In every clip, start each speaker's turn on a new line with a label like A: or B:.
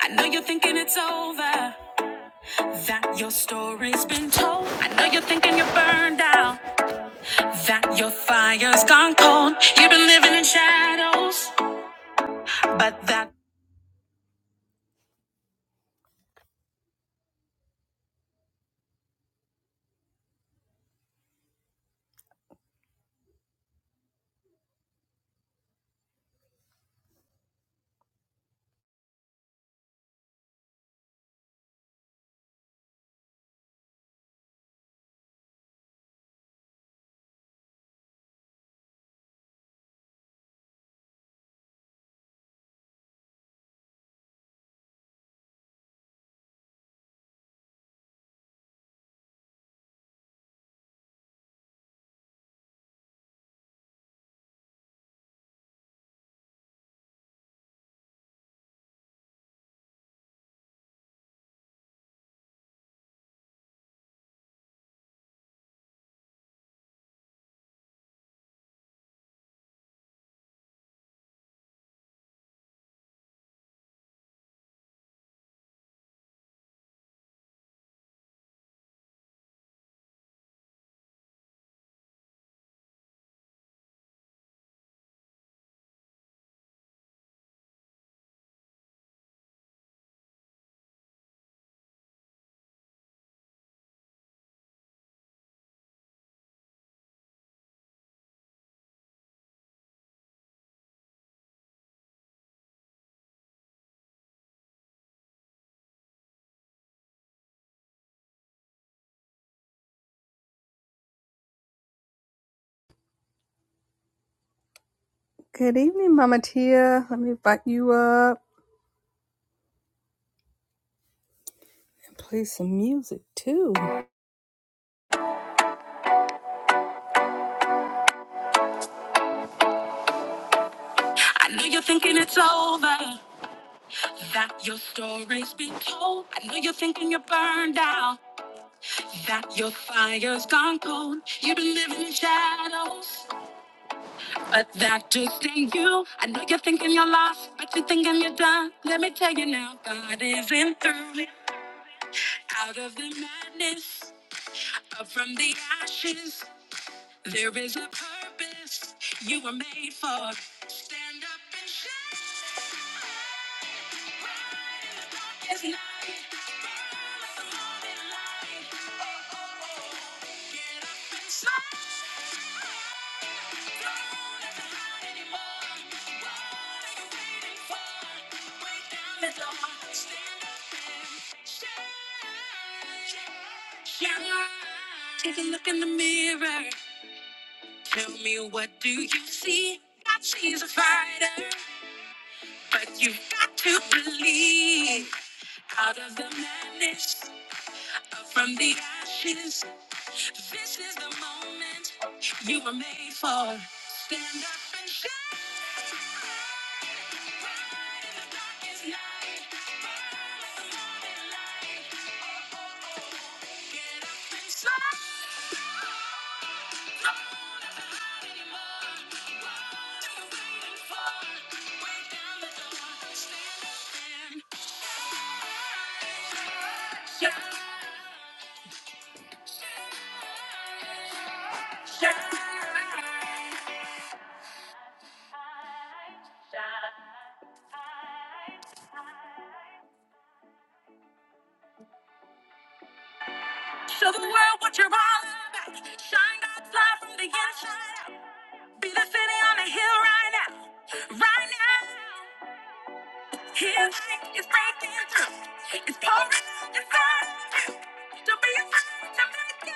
A: I know you're thinking it's over, that your story's been told. I know you're thinking you're burned out, that your fire's gone cold. You've been living in shadows, but that. Good evening, Mama Tia. Let me invite you up and play some music too. I know you're thinking it's over, that your story's been told. I know you're thinking you're burned out, that your fire's gone cold. You've been living in shadows, But that just ain't you. I know you're thinking you're lost, but you're thinking you're done. Let me tell you now, God is in through. Out of the madness, up from the ashes, there is a purpose you were made for. Stand up and shine. It's night. Burn like a morning light. Oh, oh, oh. Get up and smile. Take a look in the mirror. Tell me what do you see? God sees a fighter, but you've got to believe. Out of the madness, up from the ashes, this is the moment you were made for. Stand up and shine. Show the world what you're all about. Shine that light from the inside out. Be the city on the hill right now. Right now. Healing is breaking through. It's pouring out inside you. Don't be afraid to make it.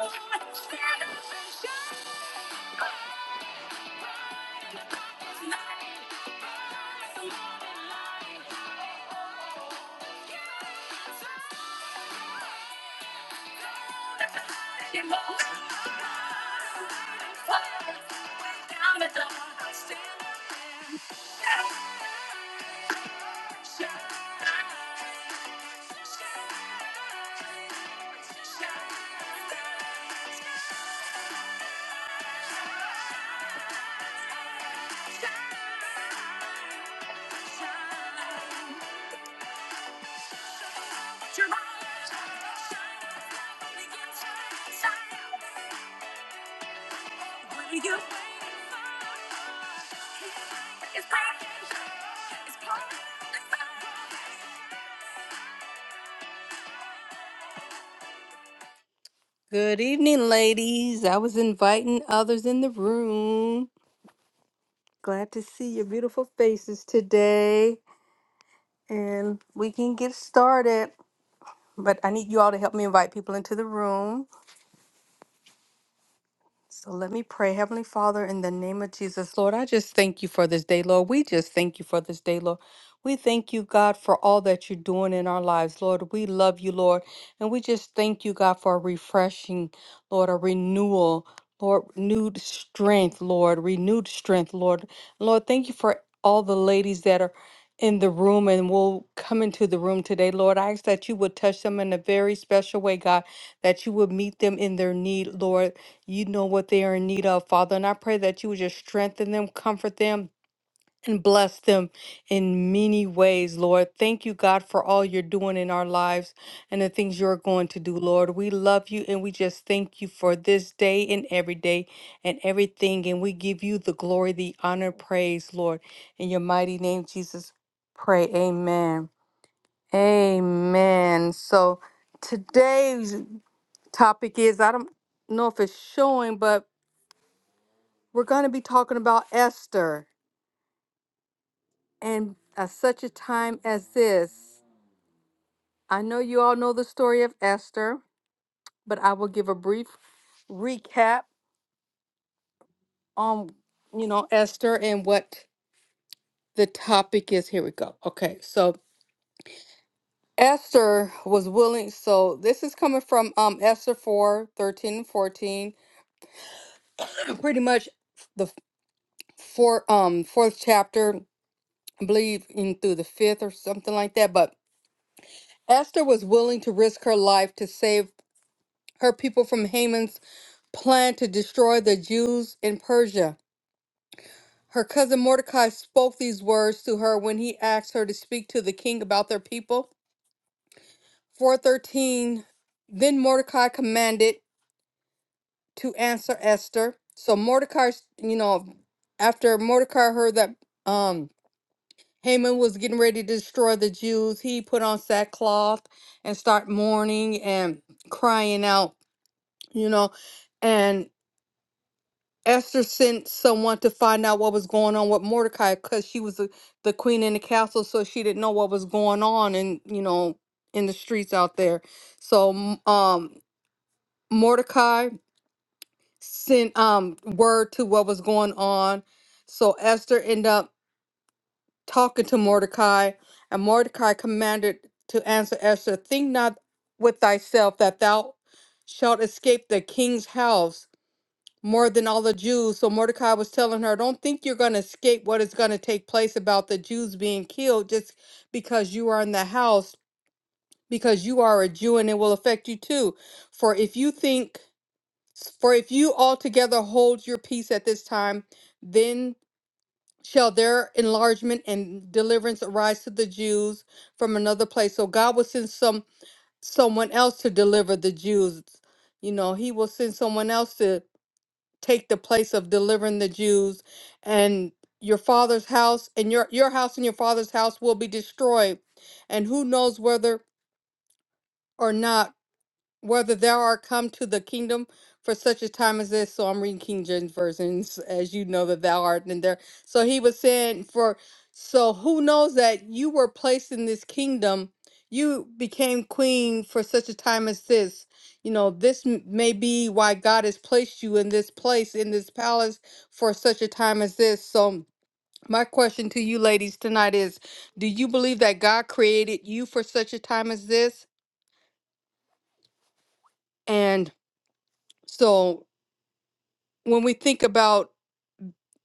A: known. Stand up and shine. Light your most fire down the dark. Stand up and shine, shine, shine, shine. Your light shine, shine, shines. With you, it's Good evening, ladies. I was inviting others in the room. Glad to see your beautiful faces today. And we can get started. But I need you all to help me invite people into the room. So let me pray. Heavenly Father, in the name of Jesus, Lord, I just thank you for this day, Lord. We just thank you for this day, Lord. We thank you, God, for all that you're doing in our lives, Lord. We love you, Lord. And we just thank you, God, for a refreshing, Lord, a renewal, Lord, renewed strength, Lord, renewed strength, Lord. Lord, thank you for all the ladies that are in the room and will come into the room today, Lord. I ask that you would touch them in a very special way, God, that you would meet them in their need, Lord you know what they are in need of, Father. And I pray that you would just strengthen them, comfort them, and bless them in many ways, Lord. Thank you, God, for all you're doing in our lives and the things you're going to do, Lord. We love you and we just thank you for this day and every day and everything. And we give you the glory, the honor, praise, Lord. In your mighty name, Jesus, pray. Amen. Amen. So today's topic is I don't know if it's showing, but we're going to be talking about Esther. And at such a time as this, I know you all know the story of Esther, but I will give a brief recap on, you know, Esther and what the topic is. Here we go. Okay. So Esther was willing. So this is coming from um, Esther 4 thirteen and 14. Pretty much the four, um, fourth chapter, I believe, in through the fifth or something like that. But Esther was willing to risk her life to save Her people from Haman's plan to destroy the Jews in Persia. Her cousin Mordecai spoke these words to her when he asked her to speak to the king about their people. 413 Then Mordecai commanded to answer Esther. So Mordecai, you know, after Mordecai heard that um Haman was getting ready to destroy the Jews, he put on sackcloth and start mourning and crying out, you know, and. Esther sent someone to find out what was going on with Mordecai because she was the, the queen in the castle, so she didn't know what was going on and you know in the streets out there. So m- um, Mordecai sent um word to what was going on. So Esther ended up talking to Mordecai, and Mordecai commanded to answer Esther, "Think not with thyself that thou shalt escape the king's house." more than all the Jews. So Mordecai was telling her, Don't think you're going to escape what is going to take place about the Jews being killed just because you are in the house, because you are a Jew and it will affect you too. For if you think, for if you altogether hold your peace at this time, then shall their enlargement and deliverance arise to the Jews from another place. So God will send some someone else to deliver the Jews. You know, he will send someone else to." take the place of delivering the Jews and your father's house and your your house and your father's house will be destroyed and who knows whether or not whether thou art come to the kingdom for such a time as this. So I'm reading King James versions, as you know that thou art in there. So he was saying, for so who knows that you were placed in this kingdom, you became queen for such a time as this. You know, this m- may be why God has placed you in this place, in this palace for such a time as this. So, my question to you ladies tonight is Do you believe that God created you for such a time as this? And so when we think about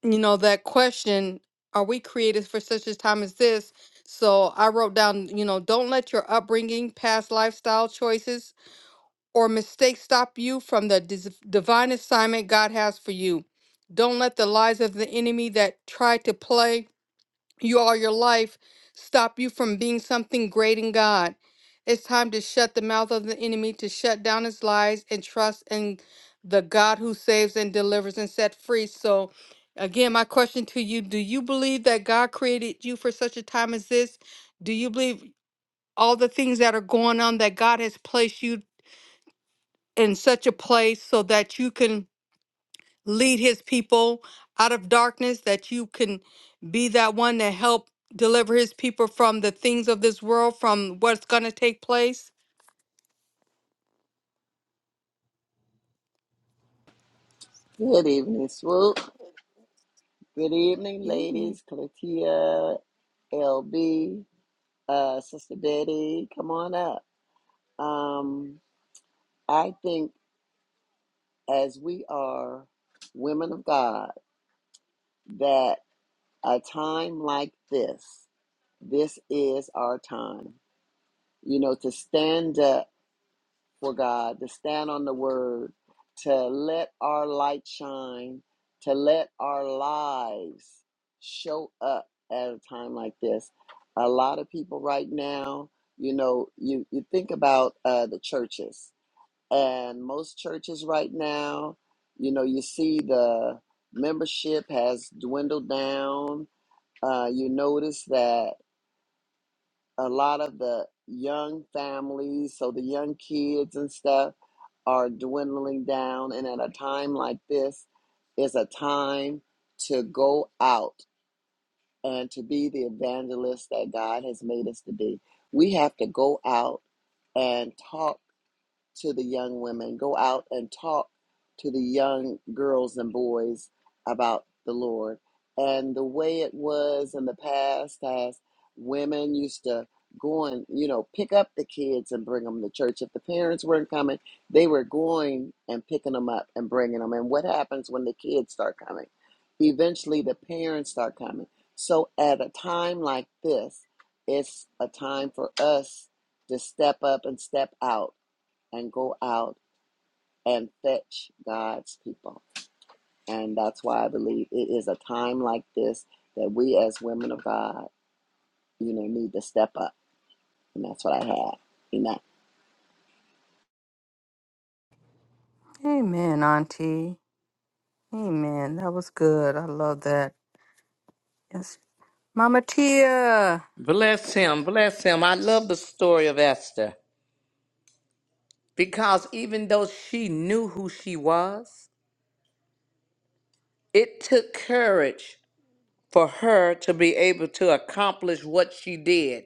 A: you know that question are we created for such a time as this so i wrote down you know don't let your upbringing past lifestyle choices or mistakes stop you from the dis- divine assignment god has for you don't let the lies of the enemy that try to play you all your life stop you from being something great in God. It's time to shut the mouth of the enemy, to shut down his lies, and trust in the God who saves and delivers and set free. So, again, my question to you do you believe that God created you for such a time as this? Do you believe all the things that are going on that God has placed you in such a place so that you can? lead his people out of darkness that you can be that one to help deliver his people from the things of this world from what's going to take place
B: Good evening, Swoop. Good evening, ladies. Clatia, LB, uh, Sister Betty, come on up. Um, I think as we are women of God, that a time like this, this is our time, you know, to stand up for God, to stand on the word, to let our light shine, to let our lives show up at a time like this. A lot of people right now, you know, you, you think about uh, the churches, and most churches right now, you know, you see the membership has dwindled down. Uh, you notice that a lot of the young families, so the young kids and stuff, are dwindling down. And at a time like this, is a time to go out and to be the evangelist that God has made us to be. We have to go out and talk to the young women, go out and talk to the young girls and boys about the Lord. And the way it was in the past, as women used to go and, you know, pick up the kids and bring them to church. If the parents weren't coming, they were going and picking them up and bringing them. And what happens when the kids start coming? Eventually, the parents start coming. So, at a time like this, it's a time for us to step up and step out and go out and fetch God's people. And that's why I believe it is a time like this that we as women of God, you know, need to step up. And that's what I had. Amen.
A: amen auntie amen that was good i love that yes mama tia
C: Bless him, bless him. I love the story of Esther because even though she knew who she was, it took courage for her to be able to accomplish what she did.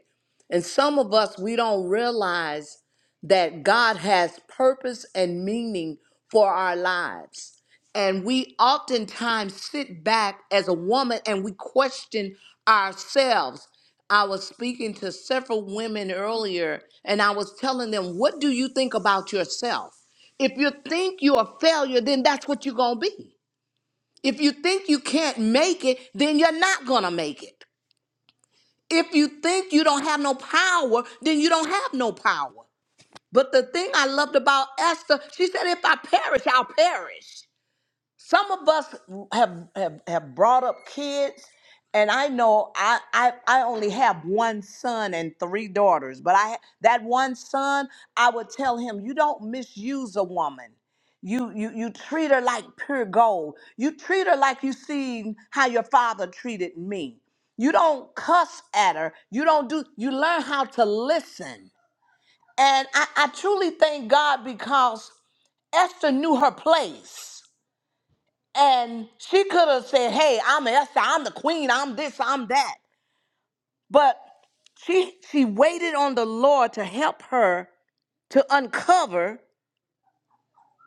C: And some of us, we don't realize that God has purpose and meaning for our lives. And we oftentimes sit back as a woman and we question ourselves. I was speaking to several women earlier and I was telling them, What do you think about yourself? If you think you're a failure, then that's what you're going to be. If you think you can't make it, then you're not going to make it. If you think you don't have no power, then you don't have no power. But the thing I loved about Esther, she said, if I perish, I'll perish some of us have have, have brought up kids and i know I, I i only have one son and three daughters but i that one son i would tell him you don't misuse a woman you you you treat her like pure gold you treat her like you seen how your father treated me you don't cuss at her you don't do you learn how to listen and i, I truly thank god because esther knew her place and she could have said, "Hey, I'm Esther. I'm the queen. I'm this. I'm that." But she she waited on the Lord to help her to uncover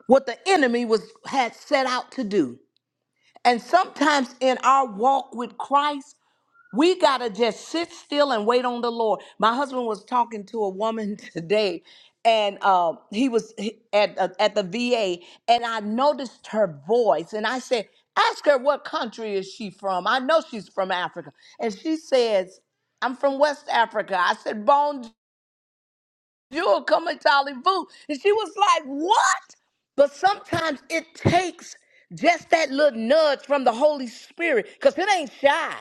C: what the enemy was had set out to do. And sometimes in our walk with Christ, We got to just sit still and wait on the Lord. My husband was talking to a woman today and uh, he was he- at, uh, at the VA and I noticed her voice and I said, ask her what country is she from? I know she's from Africa. And she says, I'm from West Africa. I said, bonjour, come vous. And she was like, what? But sometimes it takes just that little nudge from the Holy Spirit because it ain't shy.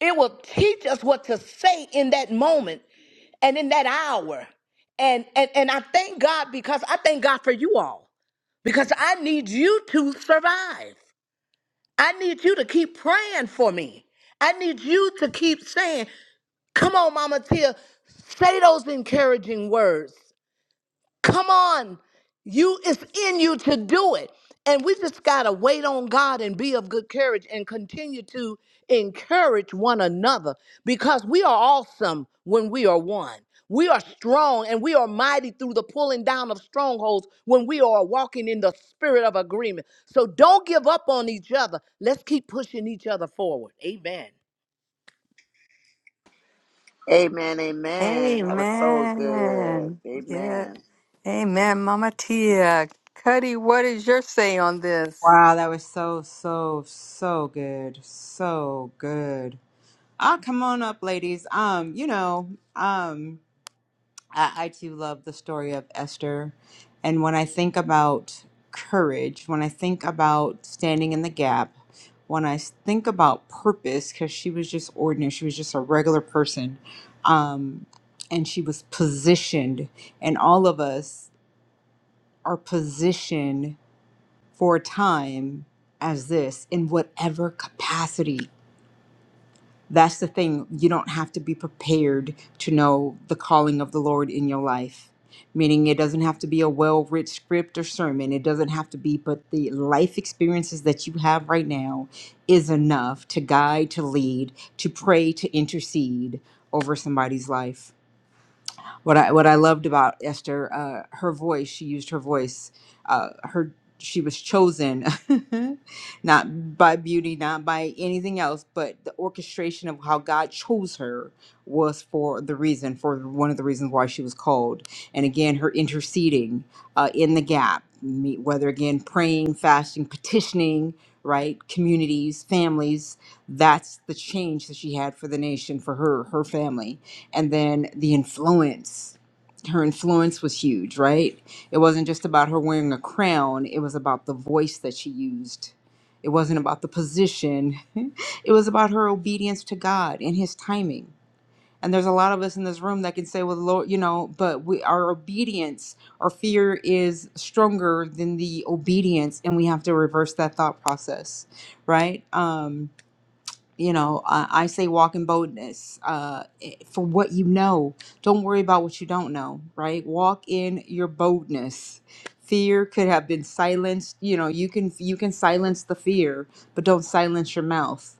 C: It will teach us what to say in that moment and in that hour. And and and I thank God because I thank God for you all because I need you to survive. I need you to keep praying for me. I need you to keep saying, "Come on, Mama Tia, say those encouraging words. Come on. You it's in you to do it. And we just gotta wait on God and be of good courage and continue to encourage one another because we are awesome when we are one. We are strong and we are mighty through the pulling down of strongholds when we are walking in the spirit of agreement. So don't give up on each other. Let's keep pushing each other forward. Amen.
B: Amen. Amen. That was so good.
A: amen yeah
B: Amen.
A: amen mama tia cuddy what is your say on this
D: Wow, that was so, so, so good. So good. Ah, come on up, ladies. Um, you know, um, I, I too love the story of Esther. And when I think about courage, when I think about standing in the gap, when I s- think about purpose, because she was just ordinary, she was just a regular person. Um, and she was positioned, and all of us are positioned for a time as this in whatever capacity. That's the thing. You don't have to be prepared to know the calling of the Lord in your life. Meaning, it doesn't have to be a well writ script or sermon. It doesn't have to be, but the life experiences that you have right now is enough to guide, to lead, to pray, to intercede over somebody's life what I what I loved about Esther, uh, her voice. She used her voice. Uh, her she was chosen, not by beauty, not by anything else, but the orchestration of how God chose her was for the reason, for one of the reasons why she was called. And again, her interceding uh, in the gap, me- whether again praying, fasting, petitioning, right, communities, families. That's the change that she had for the nation, for her, her family and then the influence her influence was huge right it wasn't just about her wearing a crown it was about the voice that she used it wasn't about the position it was about her obedience to god and his timing and there's a lot of us in this room that can say well lord you know but we our obedience our fear is stronger than the obedience and we have to reverse that thought process right Um, you know i, I say walk in boldness uh, eh, for what you know don't worry about what you don't know right walk in your boldness fear could have been silenced you know you can you can silence the fear but don't silence your mouth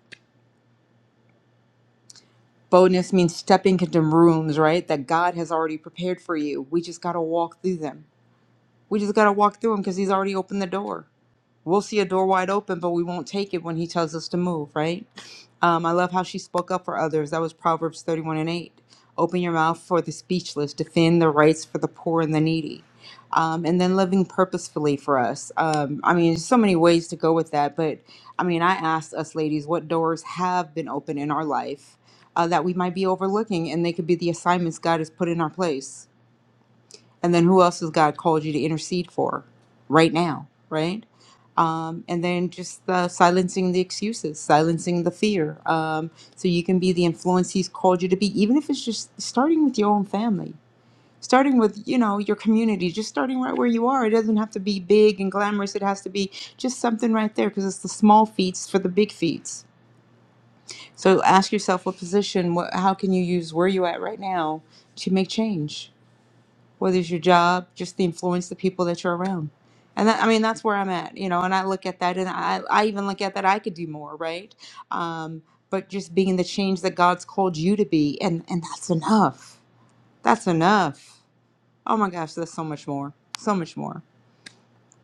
D: boldness means stepping into rooms right that god has already prepared for you we just got to walk through them we just got to walk through them because he's already opened the door We'll see a door wide open, but we won't take it when he tells us to move, right? Um, I love how she spoke up for others. That was Proverbs 31 and 8. Open your mouth for the speechless, defend the rights for the poor and the needy. Um, and then living purposefully for us. Um, I mean, there's so many ways to go with that, but I mean, I asked us ladies what doors have been open in our life uh, that we might be overlooking, and they could be the assignments God has put in our place. And then who else has God called you to intercede for right now, right? Um, and then just uh, silencing the excuses, silencing the fear, um, so you can be the influence He's called you to be, even if it's just starting with your own family, starting with you know your community, just starting right where you are. It doesn't have to be big and glamorous. It has to be just something right there, because it's the small feats for the big feats. So ask yourself, what position? What, how can you use where you at right now to make change? whether it's your job, just the influence, the people that you're around. And that, I mean, that's where I'm at, you know, and I look at that and I, I even look at that I could do more, right? Um, but just being the change that God's called you to be. And, and that's enough. That's enough. Oh my gosh, there's so much more. So much more.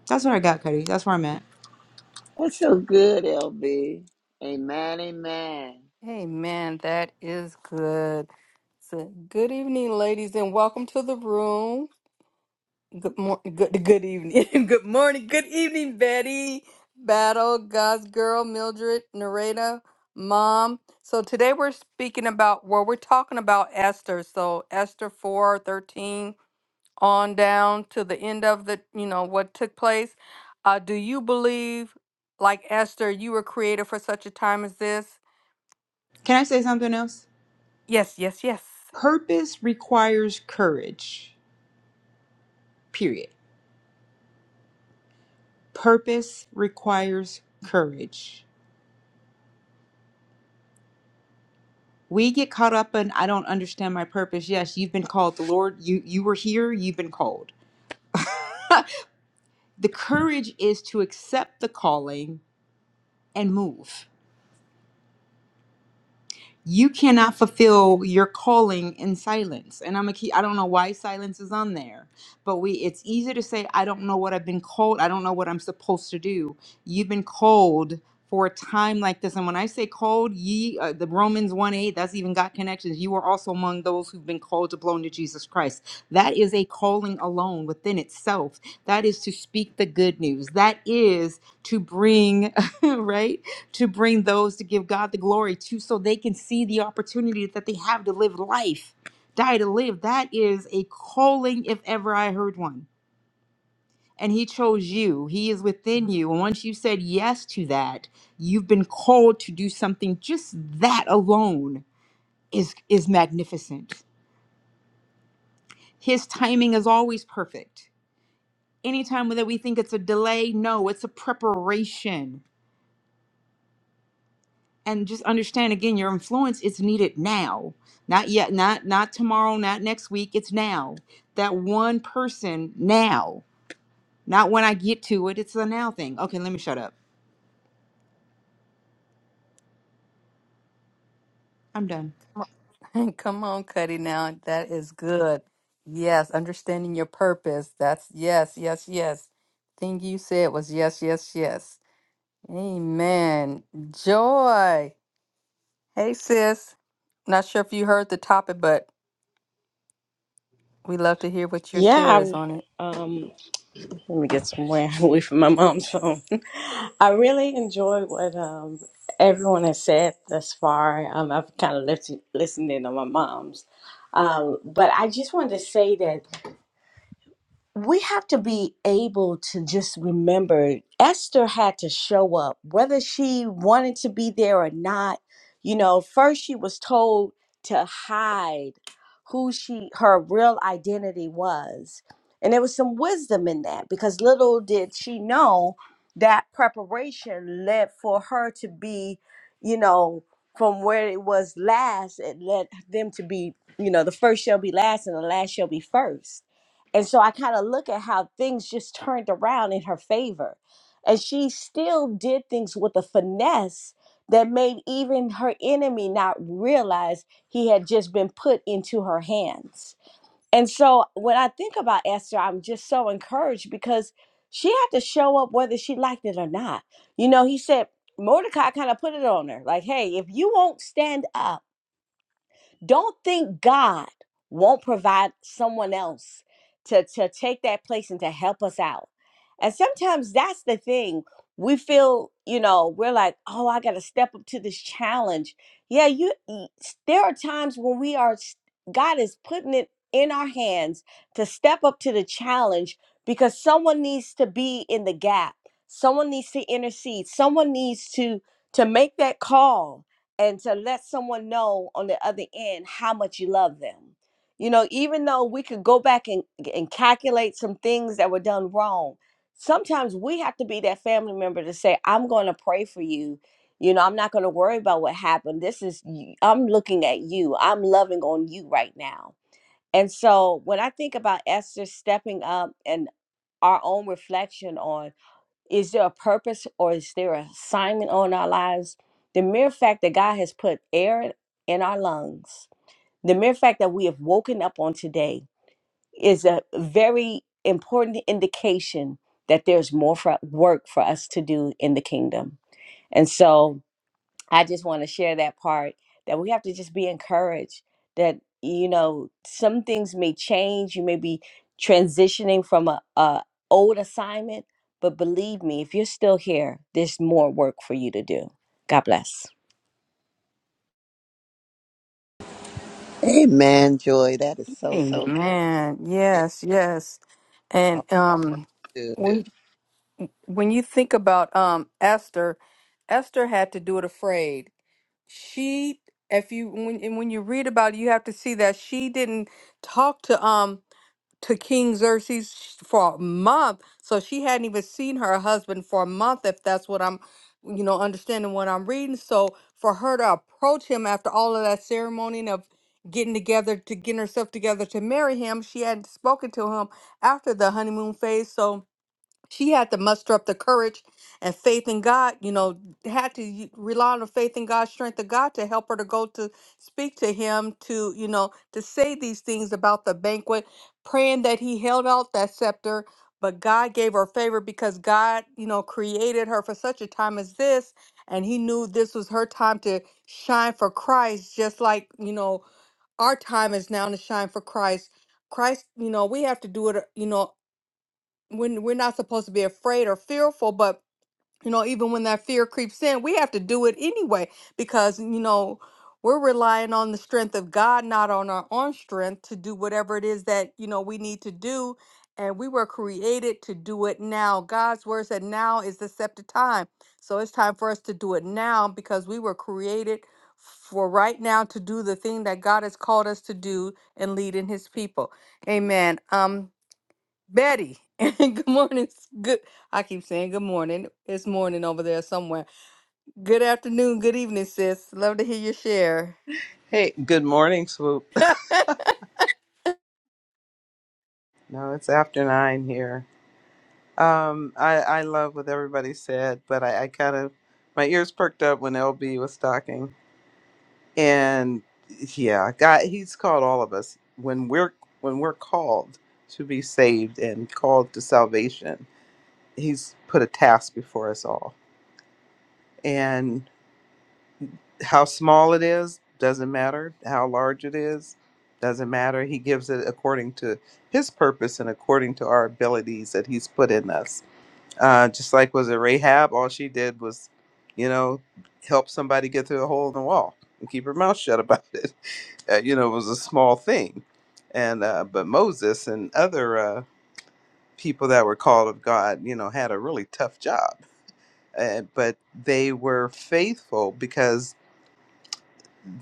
D: That's what I got, Cuddy. That's where I'm at.
B: That's so good, LB. Amen. Amen.
A: amen that is good so, good evening ladies and welcome to the room Good morning, good good evening, good morning, good evening, Betty, Battle, God's Girl, Mildred, Nareda, Mom. So today we're speaking about well, we're talking about Esther. So Esther four thirteen on down to the end of the you know what took place. Uh, do you believe, like Esther, you were created for such a time as this?
D: Can I say something else?
A: Yes, yes, yes.
D: Purpose requires courage, period. Purpose requires courage. we get caught up in i don't understand my purpose yes you've been called the lord you you were here you've been called the courage is to accept the calling and move you cannot fulfill your calling in silence and i'm a key i don't know why silence is on there but we it's easy to say i don't know what i've been called i don't know what i'm supposed to do you've been called for a time like this and when i say called ye uh, the romans 1 8 that's even got connections you are also among those who've been called to belong to jesus christ that is a calling alone within itself that is to speak the good news that is to bring right to bring those to give God the glory to so they can see the opportunity that they have to live life, die to live. That is a calling, if ever I heard one. And He chose you, He is within you. And once you said yes to that, you've been called to do something. Just that alone is, is magnificent. His timing is always perfect. Anytime that we think it's a delay, no, it's a preparation and just understand again your influence is needed now not yet not not tomorrow not next week it's now that one person now not when i get to it it's a now thing okay let me shut up i'm done
A: Come on, Cuddy. Now that is good. Yes, understanding your purpose. That's yes, yes, yes. Thing you said was yes, yes, yes. Amen. Joy. Hey, sis. Not sure if you heard the topic, but we love to hear what your
E: Yeah,
A: share is on it.
E: I, um, let me get somewhere away from my mom's phone. I really enjoy what um, everyone has said thus far. Um, I've kind of listened listened in on my mom's, um, but I just wanted to say that we have to be able to just remember Esther had to show up, whether she wanted to be there or not. You know, first she was told to hide who she her real identity was. And there was some wisdom in that because little did she know that preparation led for her to be, you know, from where it was last, it led them to be, you know, the first shall be last and the last shall be first and so I kind of look at how things just turned around in her favor. And she still did things with a finesse that made even her enemy not realize he had just been put into her hands. And so when I think about Esther, I'm just so encouraged because she had to show up whether she liked it or not. You know, he said, Mordecai kind of put it on her like, hey, if you won't stand up, don't think God won't provide someone else to, to take that place and to help us out. And sometimes that's the thing. We feel, you know, we're like, oh, I got to step up to this challenge. Yeah, you. y- s- There are times when we are, s- God is putting it in our hands to step up to the challenge because someone needs to be in the gap. Someone needs to intercede. Someone needs to to make that call and to let someone know on the other end how much you love them. You know, even though we could go back and, and calculate some things that were done wrong, sometimes we have to be that family member to say, I'm going to pray for you. You know, I'm not going to worry about what happened. This is, y- I'm looking at you, I'm loving on you right now. And so when I think about Esther stepping up and our own reflection on, is there a purpose or is there an assignment on our lives? The mere fact that God has put air in our lungs, the mere fact that we have woken up on today is a very important indication that there's more for, work for us to do in the kingdom. And so I just want to share that part that we have to just be encouraged that you know some things may change. You may be transitioning from a, a old assignment, but believe me, if you're still here, there's more work for you to do. God bless.
B: Amen, Joy. That is
A: So
B: so good.
A: Amen.
B: It's
A: Yes, yes.
B: All
A: And um,
B: good.
A: when when you think about um Esther, Esther had to do it afraid she if you when and when you read about it you have to see that she didn't talk to um to king xerxes for a month so she hadn't even seen her husband for a month if that's what i'm you know understanding what i'm reading so for her to approach him after all of that ceremony and of getting together to getting herself together to marry him she hadn't spoken to him after the honeymoon phase so she had to muster up the courage and faith in God, you know, had to y- rely on the faith in God, strength of God to help her to go to speak to him, to, you know, to say these things about the banquet, praying that he held out that scepter. But God gave her favor because God, you know, created her for such a time as this. And he knew this was her time to shine for Christ, just like, you know, our time is now to shine for Christ. Christ, you know, we have to do it, uh, you know, when we're not supposed to be afraid or fearful but you know even when that fear creeps in we have to do it anyway because you know we're relying on the strength of god not on our own strength to do whatever it is that you know we need to do and we were created to do it now god's word said now is the set time so it's time for us to do it now because we were created for right now to do the thing that god has called us to do and lead in his people amen um Betty, and good morning. Good. I keep saying good morning. It's morning over there somewhere. Good afternoon. Good evening, sis. Love to hear your share.
F: Hey, good morning, Swoop. No, it's after nine here. Um, I, I love what everybody said, but I, I kind of my ears perked up when LB was talking, and yeah, God, he's called all of us when we're when we're called to be saved and called to salvation. He's put a task before us all, how small it is doesn't matter how large it is doesn't matter he gives it according to his purpose and according to our abilities that he's put in us uh, just like was it rahab all she did was you know help somebody get through a hole in the wall and keep her mouth shut about it uh, you know it was a small thing and uh, but moses and other uh, people that were called of god you know had a really tough job uh, but they were faithful because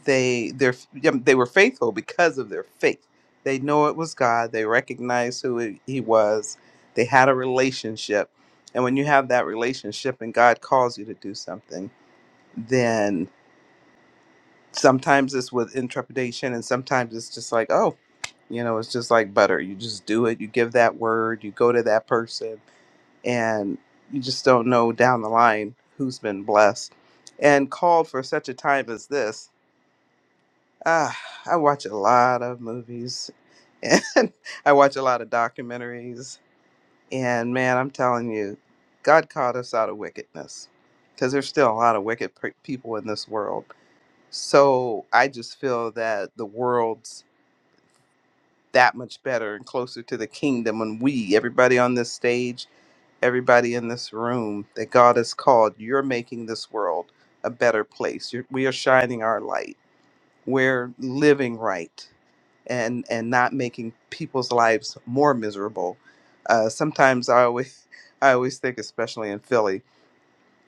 F: they they, they were faithful because of their faith. They know it was God. They recognized who it- He was. They had a relationship, and when you have that relationship, and God calls you to do something, then sometimes it's with interpretation, and sometimes it's just like, oh, you know, it's just like butter. You just do it. You give that word. You go to that person, and you just don't know down the line who's been blessed and called for such a time as this Ah, I watch a lot of movies and I watch a lot of documentaries. And man, I'm telling you, God called us out of wickedness because there's still a lot of wicked pe- people in this world. So I just feel that the world's that much better and closer to the kingdom when we, everybody on this stage, everybody in this room that God has called, you're making this world a better place. You're, we are shining our light we're living right and and not making people's lives more miserable. Uh, sometimes I always I always think, especially in Philly,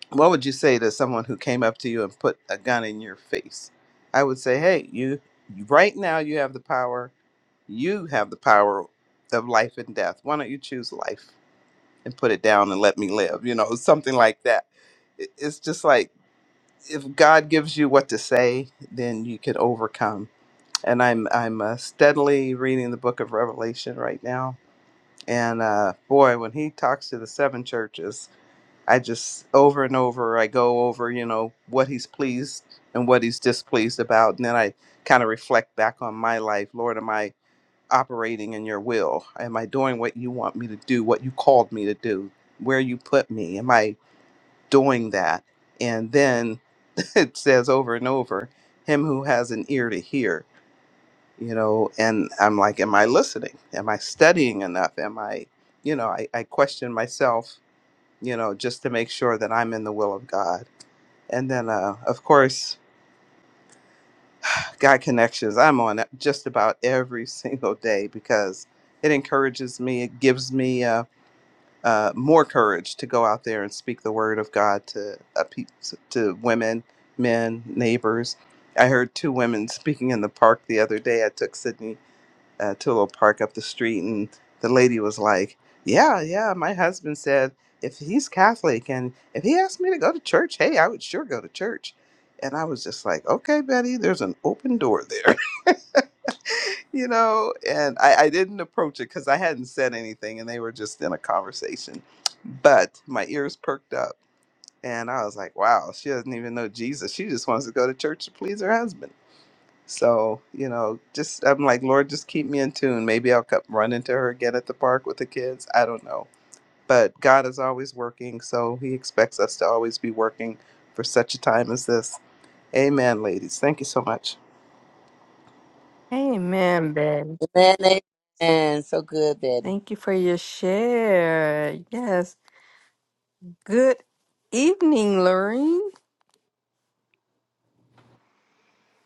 F: what would you say to someone who came up to you and put a gun in your face? I would say, hey, you right now you have the power. You have the power of life and death. Why don't you choose life and put it down and let me live? You know, something like that. It- It's just like if God gives you what to say, then you can overcome and I'm I'm uh, steadily reading the book of Revelation right now. And uh, boy, when he talks to the seven churches, I just over and over I go over you know what he's pleased and what he's displeased about, and then I kind of reflect back on my life. Lord, am I operating in Your will? Am I doing what You want me to do? What You called me to do? Where You put me? Am I doing that? And then it says over and over, "Him who has an ear to hear." you know and i'm like am i listening am i studying enough am i you know i, I question myself you know just to make sure that i'm in the will of god and then uh, of course god connections i'm on it just about every single day because it encourages me it gives me uh, uh, more courage to go out there and speak the word of god to uh, pe- to women men neighbors i heard two women speaking in the park the other day i took sydney uh, to a little park up the street, and the lady was like, "Yeah, yeah, my husband said if he's Catholic and if he asked me to go to church, hey, I would sure go to church." And I was just like, "Okay, Betty, there's an open door there." you know, and I, I didn't approach it because I hadn't said anything and they were just in a conversation. But my ears perked up and I was like, wow, she doesn't even know Jesus. She just wants to go to church to please her husband so, you know, just I'm like, Lord, just keep me in tune. Maybe I'll come run into her again at the park with the kids. I don't know. But God is always working, so he expects us to always be working for such a time as this. Amen, ladies. Thank you so much.
A: Amen, Betty.
B: Amen. Amen. So good, Betty.
A: Thank you for your share. Yes. Good evening, Lorene.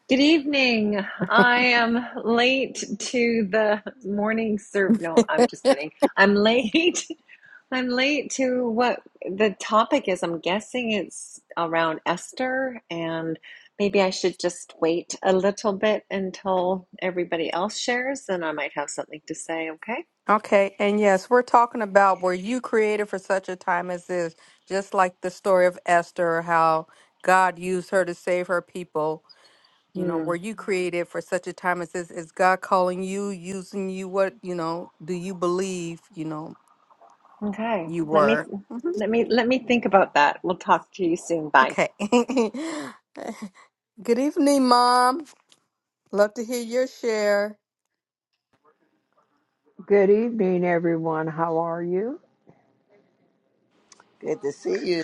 G: Good evening. I am late to the morning serve. No, I'm just kidding. I'm late. I'm late to what the topic is. I'm guessing it's around Esther, and maybe I should just wait a little bit until everybody else shares, and I might have something to say. Okay.
A: Okay, and yes, we're talking about were you created for such a time as this? Just like the story of Esther, how God used her to save her people you know
G: Hmm.
A: were you created for such a time as this is god calling you using you what you know do you believe you know
G: Okay.
A: you
G: Let me
A: were Mhm.
G: let me let me think about that. We'll talk to you soon. Bye.
A: okay good evening mom love to hear your share
H: Good evening, everyone. How are you?
B: Good to see you.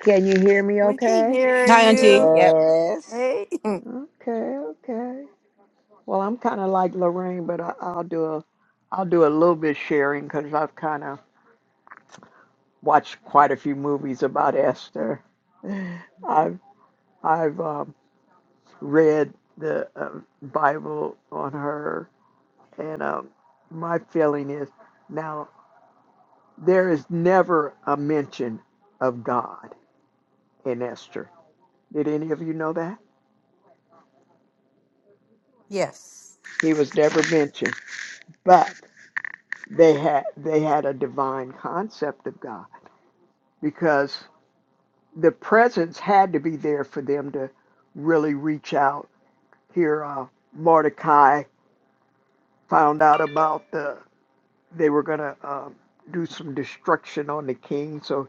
H: Can you hear me
A: we can
H: okay?
A: hear
D: Hi, Auntie.
A: you
D: Yep.
B: Yes.
A: hey
H: Okay, okay. Well, I'm kind of like Lorraine, but I, I'll do a, I'll do a little bit sharing because I've kind of watched quite a few movies about Esther. I've I've um, read the um Bible on her, and um, my feeling is now there is never a mention of God in Esther. Did any of you know that
A: yes
H: he was never mentioned? but they had they had a divine concept of God because the presence had to be there for them to really reach out. Here, uh, Mordecai found out about the they were going to um, do some destruction on the king, so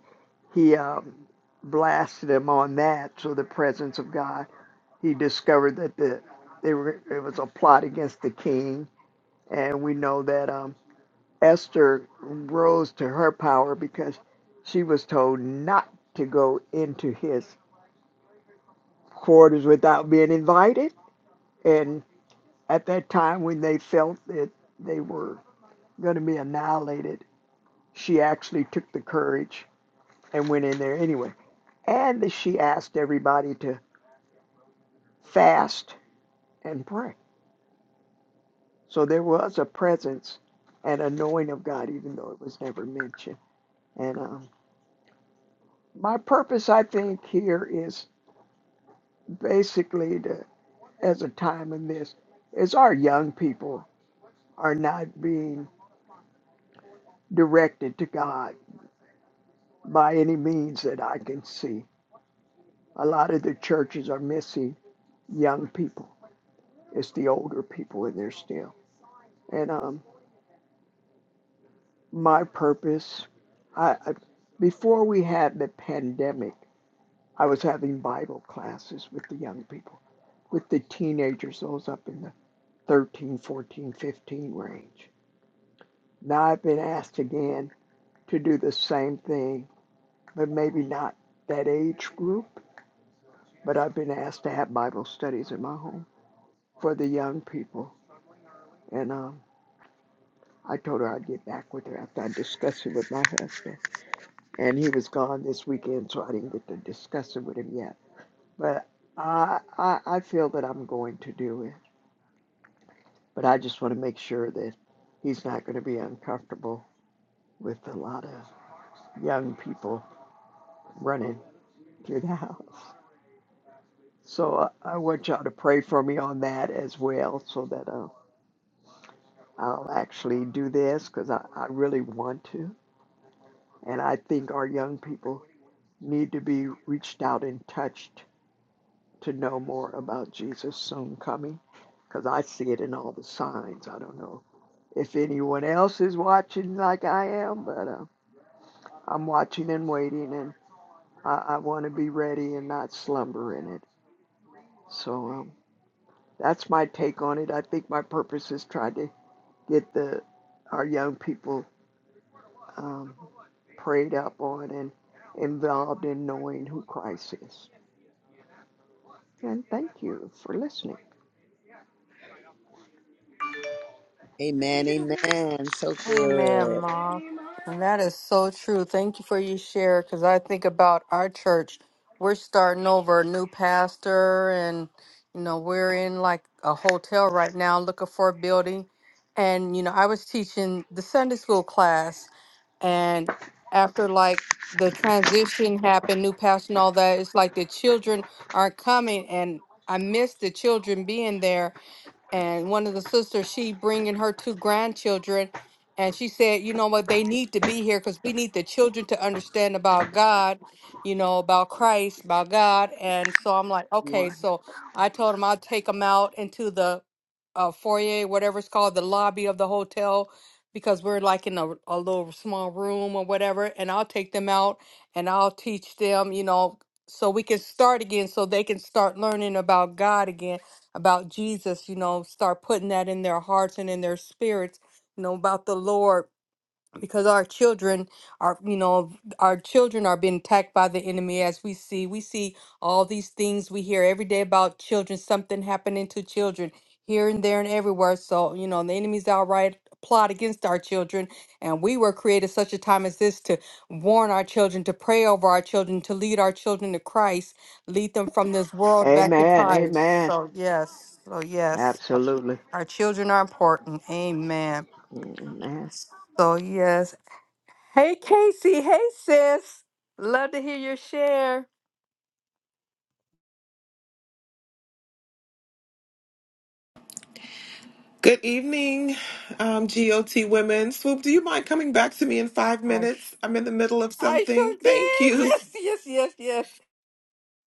H: he um, blasted him on that. So the presence of God, he discovered that the they were it was a plot against the king, and we know that um, Esther rose to her power because she was told not to go into his quarters without being invited. And at that time, when they felt that they were going to be annihilated, she actually took the courage and went in there anyway. And she asked everybody to fast and pray. So there was a presence and anointing of God, even though it was never mentioned. And um, my purpose, I think, here is basically to. as a time in this is our young people are not being directed to God by any means that I can see. A lot of the churches are missing young people. It's the older people in there still. And um, my purpose, I, I before we had the pandemic, I was having Bible classes with the young people, with the teenagers, those up in the 13, 14, 15 range. Now I've been asked again to do the same thing but maybe not that age group. But I've been asked to have Bible studies in my home for the young people. And um, I told her I'd get back with her after I discussed it with my husband. And he was gone this weekend, so I didn't get to discuss it with him yet. But I, I, I feel that I'm going to do it. But I just want to make sure that he's not going to be uncomfortable with a lot of young people running through the house. So I, I want y'all to pray for me on that as well, so that uh, I'll actually do this because I, I really want to. And I think our young people need to be reached out and touched to know more about Jesus soon coming because I see it in all the signs. I don't know if anyone else is watching like I am, but uh, I'm watching and waiting and I, I want to be ready and not slumber in it. So um, that's my take on it. I think my purpose is trying to get the our young people. um, prayed up on and involved in knowing who Christ is. And thank you for listening. Can you use
B: Amen.
H: your computer?
B: Amen. So
A: Amen,
B: good.
A: Ma.
H: Maybe
A: And
H: mile
A: that is so true. Thank you for your share because I think about our church. We're starting over a new pastor, and you know, we're in like a hotel right now looking for a building. And you know, I was teaching the Sunday school class, and after like the transition happened, new pastor and all that, it's like the children aren't coming, and I miss the children being there and one of the sisters she bringing her two grandchildren and she said you know what they need to be here because we need the children to understand about god you know about christ about god and so i'm like okay
H: One.
A: so i told him i'll take them out into the uh, foyer whatever it's called the lobby of the hotel because we're like in a, a little small room or whatever and i'll take them out and i'll teach them you know so we can start again so they can start learning about god again about Jesus, you know, start putting that in their hearts and in their spirits, you know, about the Lord because our children are you know our children are being attacked by the enemy as we see we see all these things we hear every day about children something happening to children here and there and everywhere so you know the enemy's outright plot against our children and we were created such a time as this to warn our children to pray over our children to lead our children to christ lead them from this world back to
H: Amen.
A: christ
H: Amen.
A: so yes so yes
H: Absolutely.
A: our children are important amen
H: Amen.
A: so yes Hey, Casey. Hey, sis. Love to hear your share.
I: Good evening, um, GOT women. Swoop, do you mind coming back to me in five
A: I, sh-
I: minutes? I'm in the middle of
A: I
I: something.
A: sure did.
I: Thank you.
A: Yes, yes, yes, yes.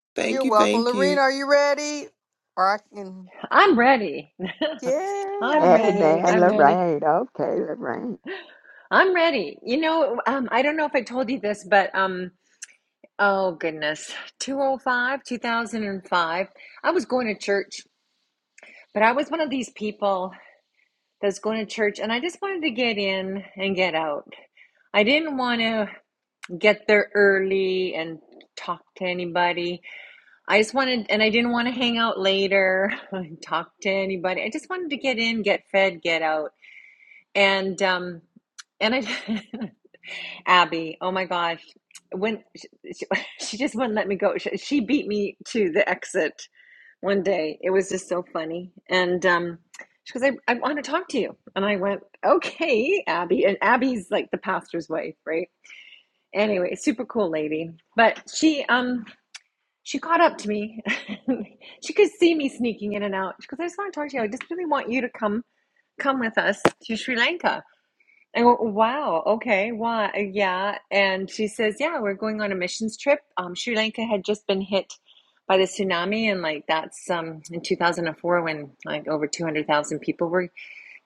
I: Thank
A: You're
I: you.
A: welcome.
I: Thank you.
A: Lorena, are you ready? Or I can.
G: I'm ready.
A: Yay.
G: I'm
A: Okay.
G: ready.
H: Amen,
G: I'm ready.
H: Lorraine. Okay, Lorraine.
G: I'm ready. You know, um, I don't know if I told you this, but um, oh goodness, two oh five, two thousand and five. I was going to church, but I was one of these people that's going to church and I just wanted to get in and get out. I didn't want to get there early and talk to anybody. I just wanted, and I didn't want to hang out later and talk to anybody. I just wanted to get in, get fed, get out. And um, and I Abby, oh my gosh, when she, she, she just wouldn't let me go. She, she beat me to the exit one day. It was just so funny. And um, she goes, I, I want to talk to you. And I went, okay, Abby. And Abby's like the pastor's wife, right? Anyway, super cool lady. But she, um, she caught up to me. she could see me sneaking in and out. She goes, I just want to talk to you. I just really want you to come, come with us to Sri Lanka. Oh, wow. Okay. Wow. Yeah. And she says, Yeah, we're going on a missions trip. Um, Sri Lanka had just been hit by the tsunami, and like that's um in 2004 when like over 200,000 people were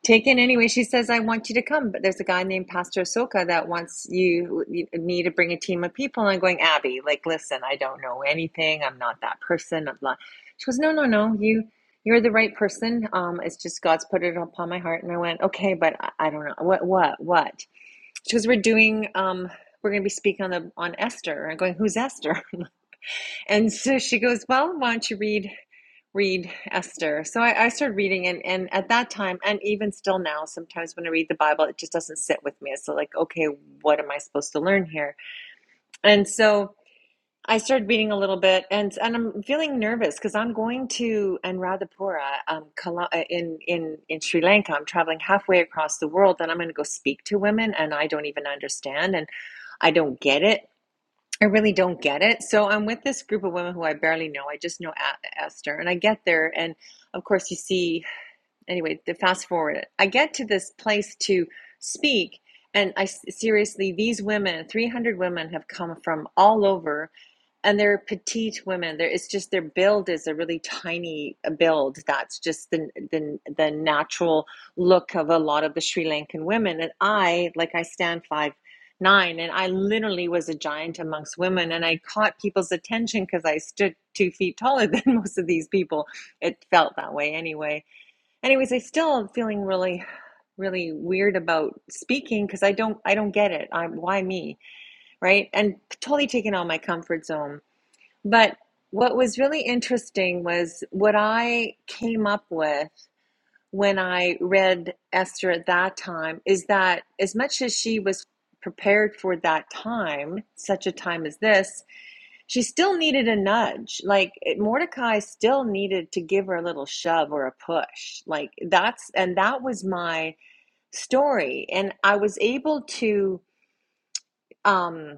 G: Taken anyway. She says, I want you to come. But there's a guy named Pastor Soka that wants you, you me to bring a team of people. And I'm going, Abby, like, listen, I don't know anything. I'm not that person. I'm not. She goes, no, no, no. You, you're the right person. Um, it's just God's put it upon my heart. And I went, okay, but I, I don't know. What, what, what? She goes, we're doing, um, we're going to be speaking on the, on Esther. I'm going, who's Esther? And so she goes, well, why don't you read read Esther. So I, I started reading, and, and at that time, and even still now, sometimes when I read the Bible, it just doesn't sit with me. It's like, okay, what am I supposed to learn here? And so I started reading a little bit, and and I'm feeling nervous because I'm going to Anuradhapura um, uh, in in in Sri Lanka. I'm traveling halfway across the world, and I'm going to go speak to women, and I don't even understand, and I don't get it I really don't get it. So I'm with this group of women who I barely know. I just know A- Esther, and I get there, and of course, you see. Anyway, the fast forward. it. I get to this place to speak, and I seriously, these women, 300 women, have come from all over and they're petite women. There, it's just their build is a really tiny uh, build. That's just the, the the natural look of a lot of the Sri Lankan women. And I, like, I stand five nine, and I literally was a giant amongst women. And I caught people's attention because I stood two feet taller than most of these people. It felt that way anyway. Anyways, I still am feeling really, really weird about speaking because I don't, I don't get it. I, why me, right? And totally taken out of my comfort zone but what was really interesting was what I came up with when I read Esther at that time is that as much as she was prepared for that time, such a time as this, she still needed a nudge. Like Mordecai still needed to give her a little shove or a push. Like that's, and that was my story. And I was able to. um,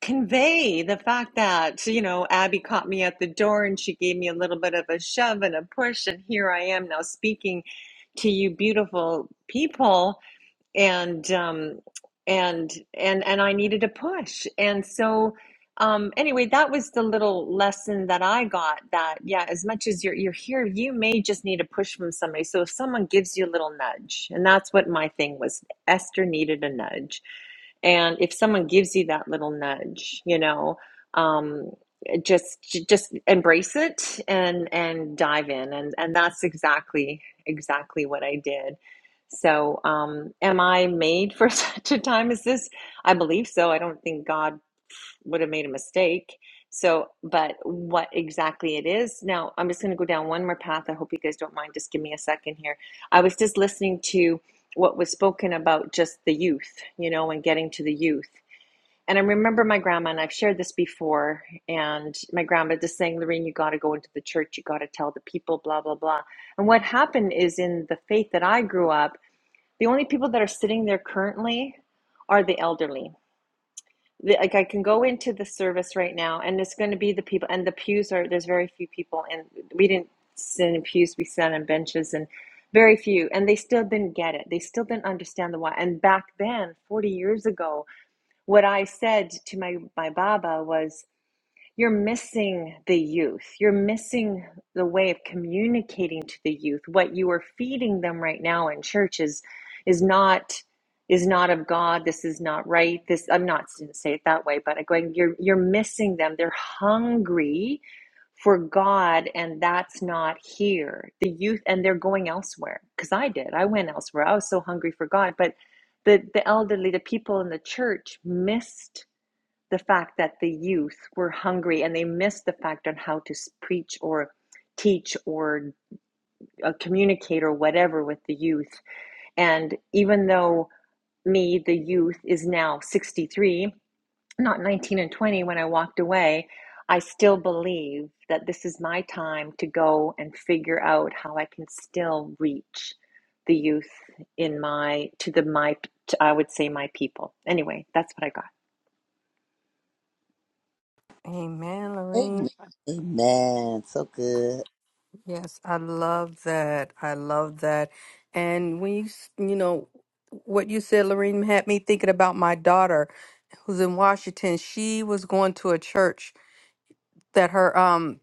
G: convey the fact that you know Abby caught me at the door and she gave me a little bit of a shove and a push and here I am now speaking to you beautiful people and um and and and I needed a push. And so um anyway, that was the little lesson that I got that yeah, as much as you're you're here, you may just need a push from somebody. So if someone gives you a little nudge, and that's what my thing was, Esther needed a nudge. And if someone gives you that little nudge, you know, um just just embrace it and and dive in and and that's exactly exactly what I did so, um, am I made for such a time as this? I believe so. I don't think God would have made a mistake. So, but what exactly it is now, I'm just going to go down one more path. I hope you guys don't mind. Just give me a second here. I was just listening to what was spoken about just the youth, you know, and getting to the youth. And I remember my grandma, and I've shared this before, and my grandma just saying, Lorene, you got to go into the church, you got to tell the people, blah, blah, blah. And what happened is in the faith that I grew up, the only people that are sitting there currently are the elderly. Like I can go into the service right now, and it's going to be the people. And the pews are there's very few people, and we didn't sit in pews. We sat on benches, and very few. And they still didn't get it. They still didn't understand the why. And back then, forty years ago, what I said to my my Baba was, you're missing the youth. You're missing the way of communicating to the youth. What you are feeding them right now in church is is not is not of God. This is not right. This I'm not didn't say it that way, but I'm going you're you're missing them. They're hungry for God and that's not here. The youth and they're going elsewhere cuz I did. I went elsewhere. I was so hungry for God, but the the elderly, the people in the church missed the fact that the youth were hungry and they missed the fact on how to preach or teach or uh, communicate or whatever with the youth. And even though me, the youth, is now 63, not 19 and 20 when I walked away, I still believe that this is my time to go and figure out how I can still reach the youth in my to the my to, I would say my people. Anyway, that's what I got.
A: Amen,
B: Amen.
A: Lorene.
B: Amen. So good.
A: Yes, I love that. I love that. And when you, s- you know, what you said, Lorene had me thinking about my daughter who's in Washington. She was going to a church that her um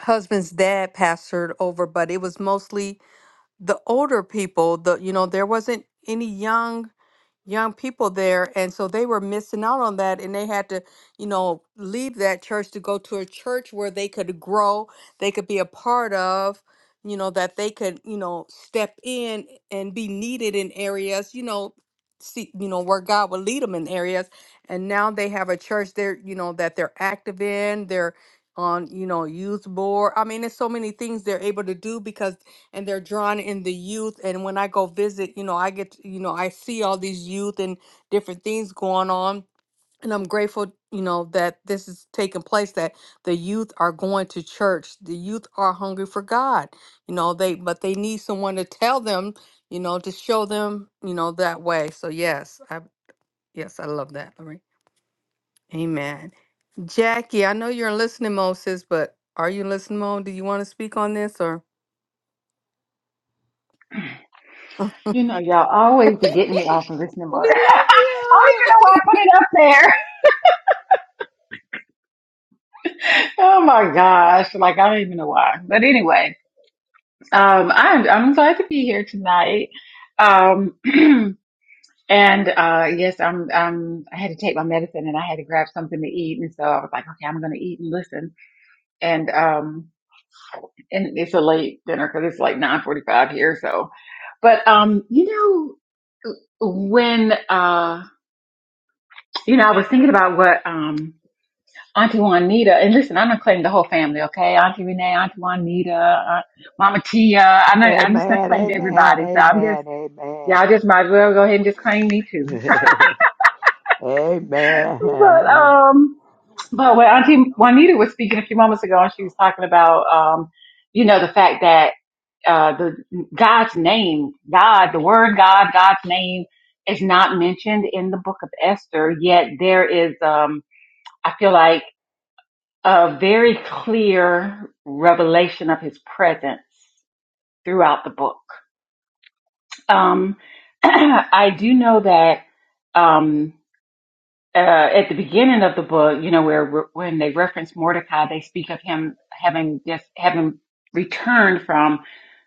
A: husband's dad pastored over, but it was mostly the older people, the you know, there wasn't any young young people there and so they were missing out on that and they had to you know leave that church to go to a church where they could grow they could be a part of you know that they could you know step in and be needed in areas you know see you know where god would lead them in areas and now they have a church there you know that they're active in they're on you know youth board i mean there's so many things they're able to do because and they're drawn in the youth and when i go visit you know i get to- you know i see all these youth and different things going on and i'm grateful you know that this is taking place that the youth are going to church the youth are hungry for god you know they but they need someone to tell them you know to show them you know that way so yes i yes i love that Lori. amen jackie i know you're in listening mode sis but are you in listening mode do you want to speak on this or
J: You know, y'all always be getting me off of listening mode. I don't even know why I put it up there. Oh my gosh. Like, I don't even know why. But anyway, um, I'm, I'm glad to be here tonight. Um, and, uh, yes, I'm, um, I had to take my medicine and I had to grab something to eat. And so I was like, okay, I'm going to eat and listen. And, um, and it's a late dinner because it's like 945 here. So, but, um, you know, when, uh, you know, I was thinking about what, um, Auntie Juanita, and listen, I'm not claiming the whole family, okay? Auntie Renee, Auntie Juanita, Aunt Mama Tia. I'm not, I'm just not
H: Amen.
J: claiming
H: Amen.
J: everybody. So I'm just,
H: Amen.
J: y'all just might as well go ahead and just claim me
H: Amen.
J: too. but,
H: amen.
J: um, but when Auntie Juanita was speaking a few moments ago and she was talking about, um, you know, the fact that, uh, the God's name, God, the word God, God's name is not mentioned in the book of Esther, yet there is, um, I feel like a very clear revelation of his presence throughout the book. Um, I do know that um, uh, at the beginning of the book, you know, where when they reference Mordecai, they speak of him having just having returned from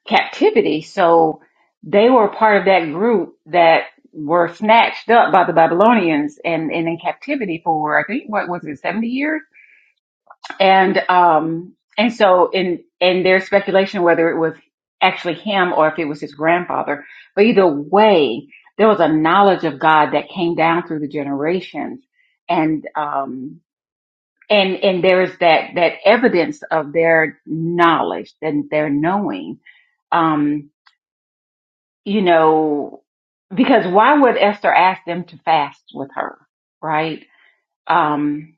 J: captivity. So they were part of that group that were snatched up by the Babylonians and, and in captivity for I think what was it, seventy years? and um and so in and there's speculation whether it was actually him or if it was his grandfather but either way there was a knowledge of god that came down through the generations and um and and there is that that evidence of their knowledge and their knowing um you know because why would esther ask them to fast with her right um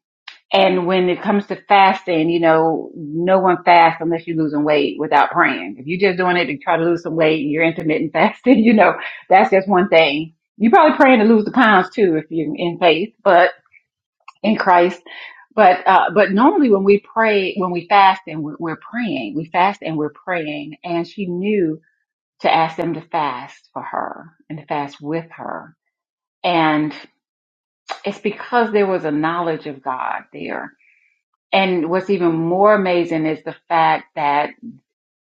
J: and when it comes to fasting, you know, no one fasts unless you're losing weight without praying. If you're just doing it to try to lose some weight and you're intermittent fasting, you know, that's just one thing. You're probably praying to lose the pounds too if you're in faith, but in Christ. But, uh, but normally when we pray, when we fast and we're, we're praying, we fast and we're praying. And she knew to ask them to fast for her and to fast with her. And it's because there was a knowledge of God there And what's even more amazing is the fact that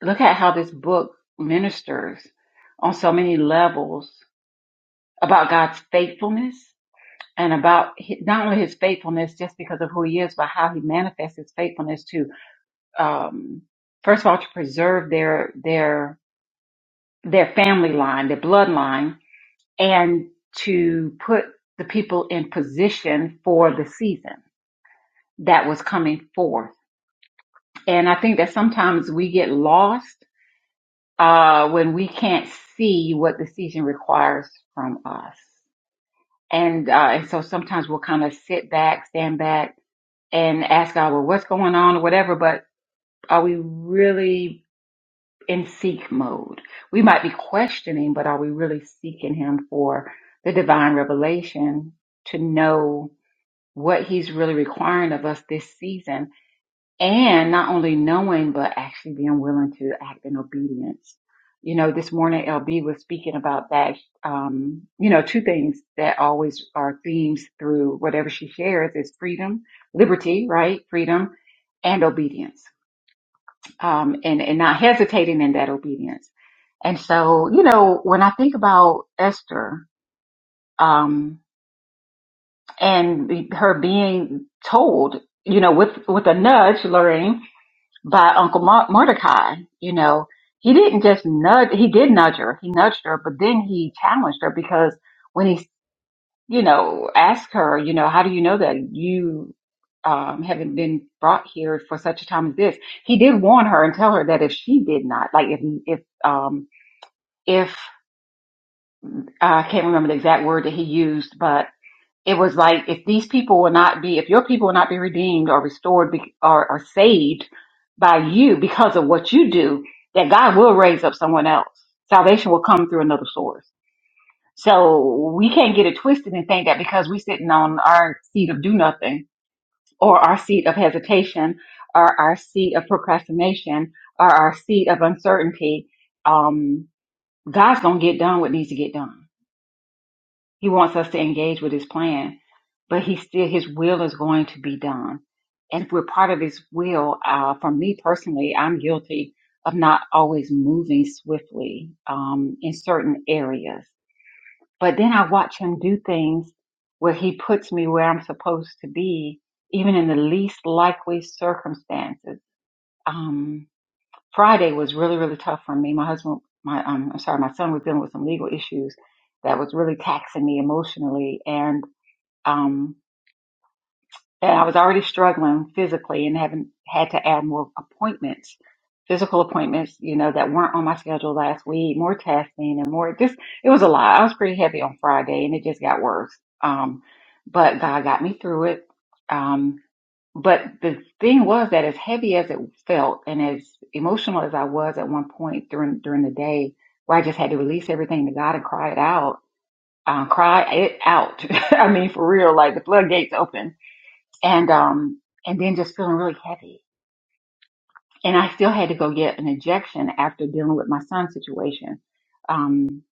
J: look at how this book ministers on so many levels about God's faithfulness and about hi- not only his faithfulness just because of who he is, but how he manifests his faithfulness to, um, first of all, to preserve their, their, their family line, their bloodline, and to put the people in position for the season that was coming forth. And I think that sometimes we get lost uh, when we can't see what the season requires from us. And, uh, and so sometimes we'll kind of sit back, stand back and ask God, well, what's going on or whatever, but are we really in seek mode? We might be questioning, but are we really seeking Him for the divine revelation to know what He's really requiring of us this season? and not only knowing but actually being willing to act in obedience you know this morning lb was speaking about that um you know two things that always are themes through whatever she shares is freedom liberty right freedom and obedience um and and not hesitating in that obedience and so you know when i think about esther um and her being told you know with with a nudge lorraine by Uncle Mor- Mordecai. You know, he didn't just nudge, he did nudge her, he nudged her, but then he challenged her because when he, you know, asked her, you know, how do you know that you um, haven't been brought here for such a time as this? He did warn her and tell her that if she did not, like if, if, um, if uh, I can't remember the exact word that he used, but it was like if these people will not be, if your people will not be redeemed or restored be, or, or saved by you because of what you do, that God will raise up someone else. Salvation will come through another source. So we can't get it twisted and think that because we're sitting on our seat of do nothing or our seat of hesitation or our seat of procrastination or our seat of uncertainty, um, God's going to get done what needs to get done. He wants us to engage with his plan, but he still his will is going to be done. And if we're part of his will, uh, for me personally, I'm guilty of not always moving swiftly um, in certain areas. But then I watch him do things where he puts me where I'm supposed to be, even in the least likely circumstances. Um, Friday was really, really tough for me. My husband, my, um, I'm sorry, my son was dealing with some legal issues that was really taxing me emotionally. And, um, and I was already struggling physically and having had to add more appointments, physical appointments, you know, that weren't on my schedule last week, more testing and more just, it was a lot. I was pretty heavy on Friday and it just got worse. Um, but God got me through it. Um, but the thing was that as heavy as it felt and as emotional as I was at one point during during the day where I just had to release everything to God and cry it out, um, cry it out. I mean, for real, like the floodgates open and, um, and then just feeling really heavy. And I still had to go get an injection after dealing with my son's situation. Um,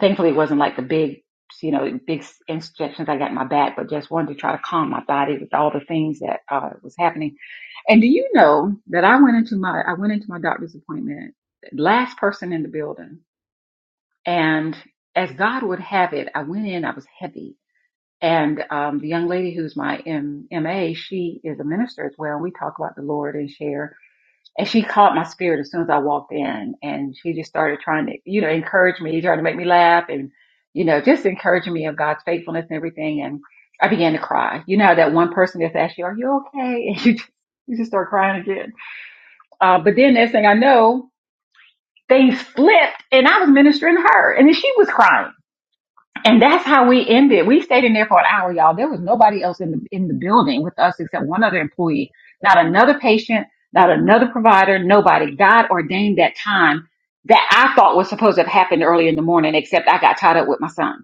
J: thankfully it wasn't like the big, you know, big injections I got in my back, but just wanted to try to calm my body with all the things that, uh, was happening and do you know that I went into my I went into my doctor's appointment last person in the building, and as God would have it, I went in. I was heavy, and um, the young lady who's my M- MA, she is a minister as well. And we talk about the Lord and share. And she caught my spirit as soon as I walked in, and she just started trying to you know encourage me, trying to make me laugh, and you know just encouraging me of God's faithfulness and everything. And I began to cry. You know how that one person that's asked you, "Are you okay?" and you just you just start crying again. Uh, but then next thing I know, things flipped and I was ministering to her and then she was crying. And that's how we ended. We stayed in there for an hour, y'all. There was nobody else in the, in the building with us except one other employee, not another patient, not another provider, nobody. God ordained that time that I thought was supposed to have happened early in the morning, except I got tied up with my son.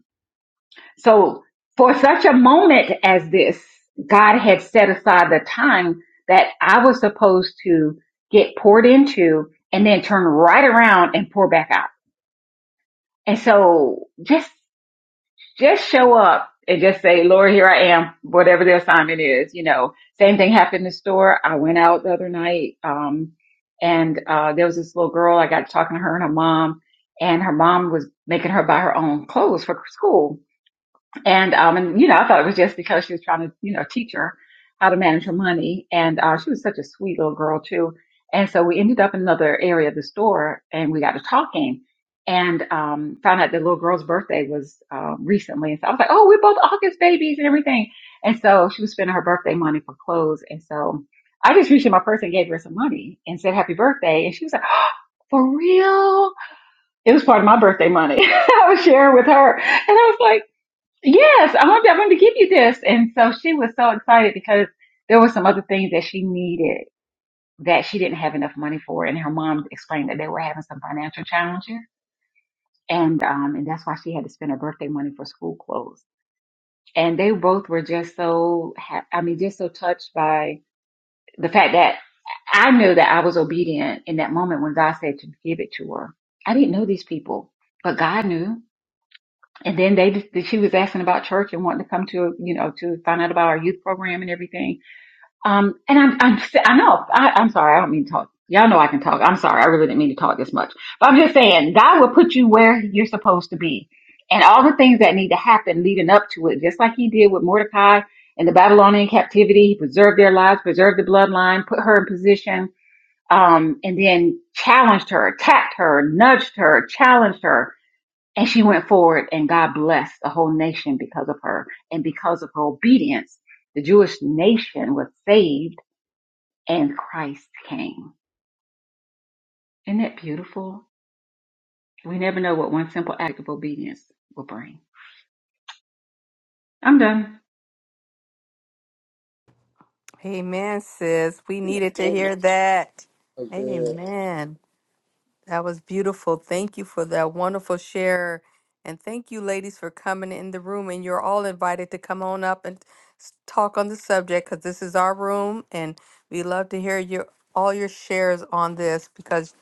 J: So for such a moment as this, God had set aside the time that I was supposed to get poured into and then turn right around and pour back out. And so just, just show up and just say, Lord, here I am, whatever the assignment is, you know, same thing happened in the store. I went out the other night. Um, and, uh, there was this little girl, I got talking to her and her mom and her mom was making her buy her own clothes for school and um, and you know, I thought it was just because she was trying to, you know, teach her how to manage her money. And uh, she was such a sweet little girl too. And so we ended up in another area of the store, and we got to talking, and um, found out the little girl's birthday was uh, recently. And so I was like, "Oh, we're both August babies and everything." And so she was spending her birthday money for clothes, and so I just reached in my purse and gave her some money and said, "Happy birthday!" And she was like, "Oh, "For real?" It was part of my birthday money. I was sharing with her, and I was like. Yes, I wanted, I wanted to give you this. And so she was so excited because there were some other things that she needed that she didn't have enough money for. And her mom explained that they were having some financial challenges. And, um, and that's why she had to spend her birthday money for school clothes. And they both were just so, ha- I mean, just so touched by the fact that I knew that I was obedient in that moment when God said to give it to her. I didn't know these people, but God knew. And then they just, she was asking about church and wanting to come to, you know, to find out about our youth program and everything. Um, and I'm, I'm, s- I know, I, I'm sorry, I don't mean to talk. Y'all know I can talk. I'm sorry, I really didn't mean to talk this much. But I'm just saying, God will put you where you're supposed to be, and all the things that need to happen leading up to it, just like He did with Mordecai and the Babylonian captivity. He preserved their lives, preserved the bloodline, put her in position, um, and then challenged her, attacked her, nudged her, challenged her and she went forward, and God blessed the whole nation because of her. And because of her obedience, the Jewish nation was saved and Christ came. Isn't that beautiful? We never know what one simple act of obedience will bring. I'm done.
A: Amen, sis. We needed to
B: Amen.
A: hear that.
B: So good.
A: Amen. That was beautiful. Thank you for that wonderful share. And thank you, ladies, for coming in the room. And you're all invited to come on up and s- talk on the subject because this is our room. And we love to hear your all your shares on this because,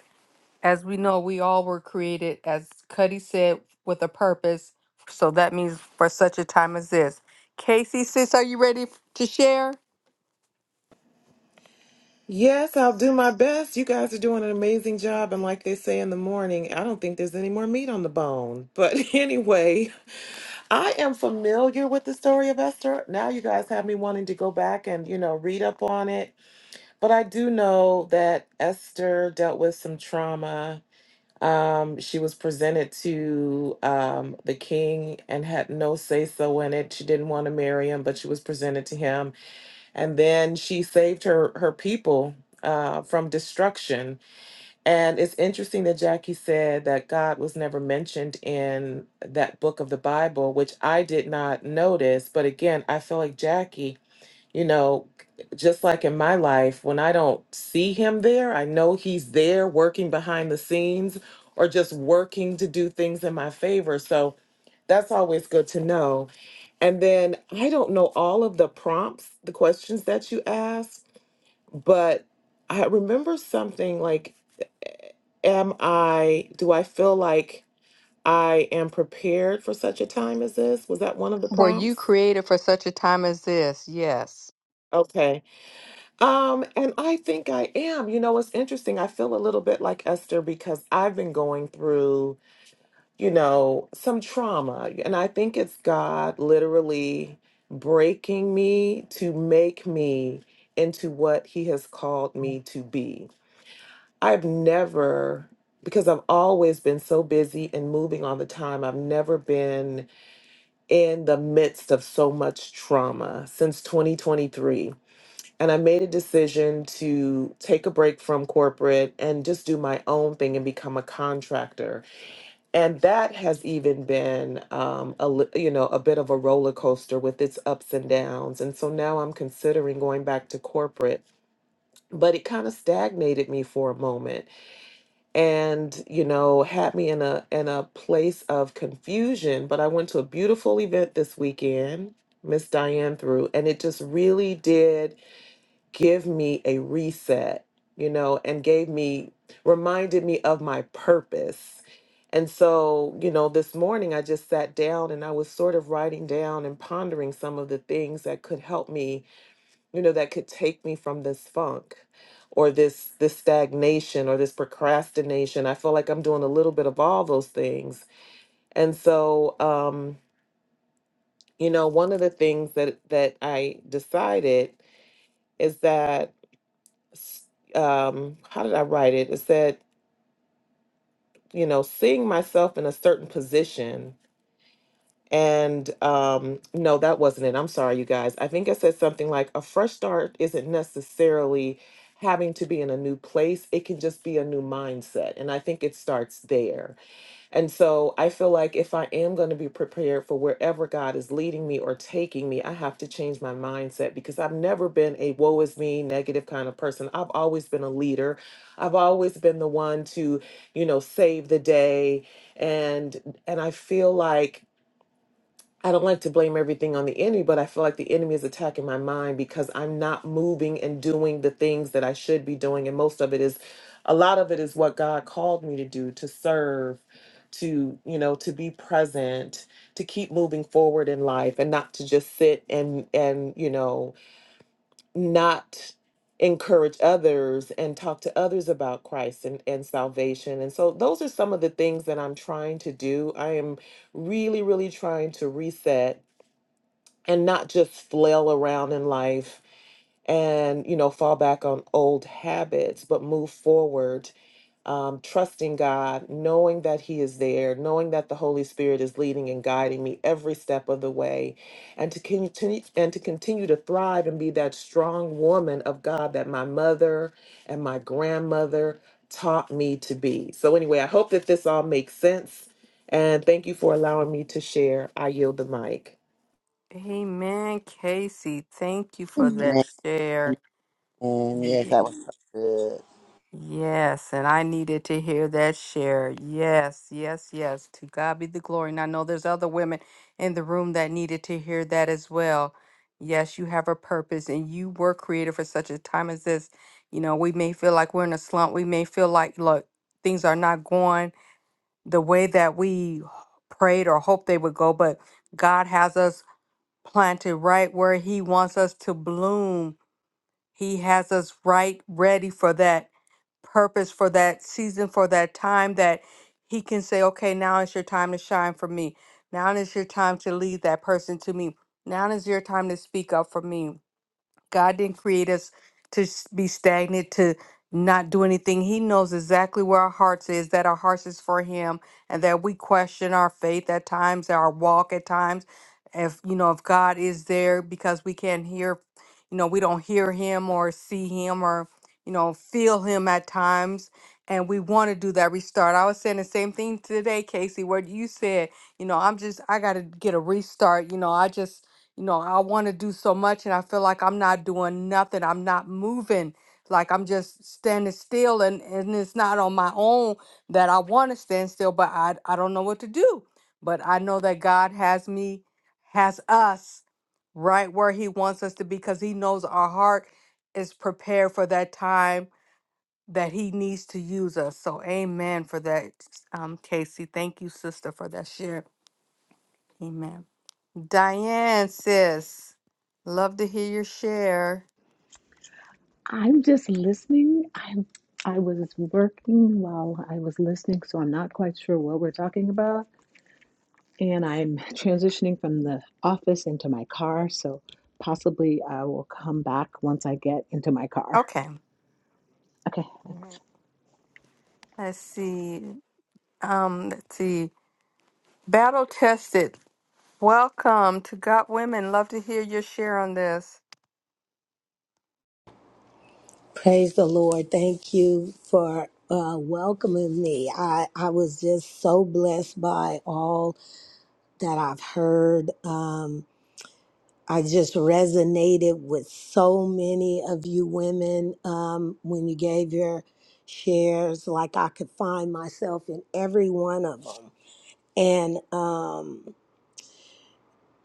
A: as we know, we all were created, as Cuddy said, with a purpose. So that means for such a time as this. Casey, sis, are you ready f- to share?
I: Yes, I'll do my best. You guys are doing an amazing job. And like they say in the morning, I don't think there's any more meat on the bone. But anyway, I am familiar with the story of Esther. Now you guys have me wanting to go back and, you know, read up on it. But I do know that Esther dealt with some trauma Um, she was presented to um, the king and had no say so in it. She didn't want to marry him, but she was presented to him. And then she saved her, her people uh, from destruction. And it's interesting that Jackie said that God was never mentioned in that book of the Bible, which I did not notice. But again, I feel like Jackie you know, just like in my life, when I don't see him there, I know he's there working behind the scenes or just working to do things in my favor. So that's always good to know. And then I don't know all of the prompts, the questions that you asked, but I remember something like, am I, do I feel like I am prepared for such a time as this? Was that one of the
A: Were you
I: prompts?
A: created for such a time as this? Yes.
I: Okay. Um, and I think I am. You know, it's interesting. I feel a little bit like Esther because I've been going through, you know, some trauma. And I think it's God literally breaking me to make me into what He has called me to be. I've never, because I've always been so busy and moving all the time, I've never been in the midst of so much trauma since 2023 and I made a decision to take a break from corporate and just do my own thing and become a contractor. And that has even been um, a li- you know a bit of a roller coaster with its ups and downs. And so now I'm considering going back to corporate. But it kind of stagnated me for a moment and you know had me in a in a place of confusion. But I went to a beautiful event this weekend, Miss Diane threw, and it just really did give me a reset, you know, and gave me, reminded me of my purpose. And so, you know, this morning I just sat down and I was sort of writing down and pondering some of the things that could help me, you know, that could take me from this funk or this this stagnation or this procrastination. I feel like I'm doing a little bit of all those things. And so, um, you know, one of the things that that I decided is that s- um how did i write it it said you know seeing myself in a certain position and um no that wasn't it i'm sorry you guys i think i said something like a fresh start isn't necessarily having to be in a new place it can just be a new mindset and i think it starts there and so I feel like if I am going to be prepared for wherever God is leading me or taking me, I have to change my mindset because I've never been a woe is me negative kind of person. I've always been a leader. I've always been the one to, you know, save the day and and I feel like I don't like to blame everything on the enemy, but I feel like the enemy is attacking my mind because I'm not moving and doing the things that I should be doing. And most of it is, a lot of it is what God called me to do to serve, to, you know, to be present, to keep moving forward in life and not to just sit and, and, you know, not encourage others and talk to others about Christ and, and salvation. And so those are some of the things that I'm trying to do. I am really, really trying to reset and not just flail around in life and you know fall back on old habits but move forward um, trusting god knowing that he is there knowing that the holy spirit is leading and guiding me every step of the way and to continue and to continue to thrive and be that strong woman of god that my mother and my grandmother taught me to be so anyway i hope that this all makes sense and thank you for allowing me to share i yield the mic
A: Amen, Casey. Thank you for that
B: Amen.
A: share.
B: Amen. Yes,
A: Ye-
B: that was so good.
A: Yes, and I needed to hear that share. Yes, yes, yes. To God be the glory. And I know there's other women in the room that needed to hear that as well. Yes, you have a purpose and you were created for such a time as this. You know, we may feel like we're in a slump. We may feel like, look, things are not going. the way that we prayed or hoped they would go, but God has us planted right where He wants us to bloom. He has us right ready for that purpose, for that season, for that time that He can say, okay, now it's your time to shine for me. Now is your time to lead that person to me. Now is your time to speak up for me God didn't create us to s- be stagnant, to not do anything. He knows exactly where our hearts is, that our hearts is for him, and that we question our faith at times, our walk at times. If you know, if God is there because we can't hear, you know, we don't hear him or see him or, you know, feel him at times. And we want to do that restart. I was saying the same thing today, Casey, where you said, you know, I'm just I gotta get a restart. You know, I just you know, I want to do so much and I feel like I'm not doing nothing. I'm not moving. Like I'm just standing still and, and it's not on my own that I want to stand still, but I, I don't know what to do. But I know that God has me, has us right where he wants us to be because he knows our heart is prepared for that time that he needs to use us. So amen for that, um, Casey. Thank you, sister, for that share. Amen. Diane says, love to hear your share.
K: I'm just listening. I I was working while I was listening, so I'm not quite sure what we're talking about. And I'm transitioning from the office into my car, so possibly I will come back once I get into my car.
A: Okay.
K: Okay, thanks.
A: Let's see. Um, let's see. Battle tested. Welcome to Got Women. Love to hear your share on this.
L: Praise the Lord. Thank you for uh, welcoming me. I, I was just so blessed by all that I've heard. Um, I just resonated with so many of you women um, when you gave your shares. Like I could find myself in every one of them. And um,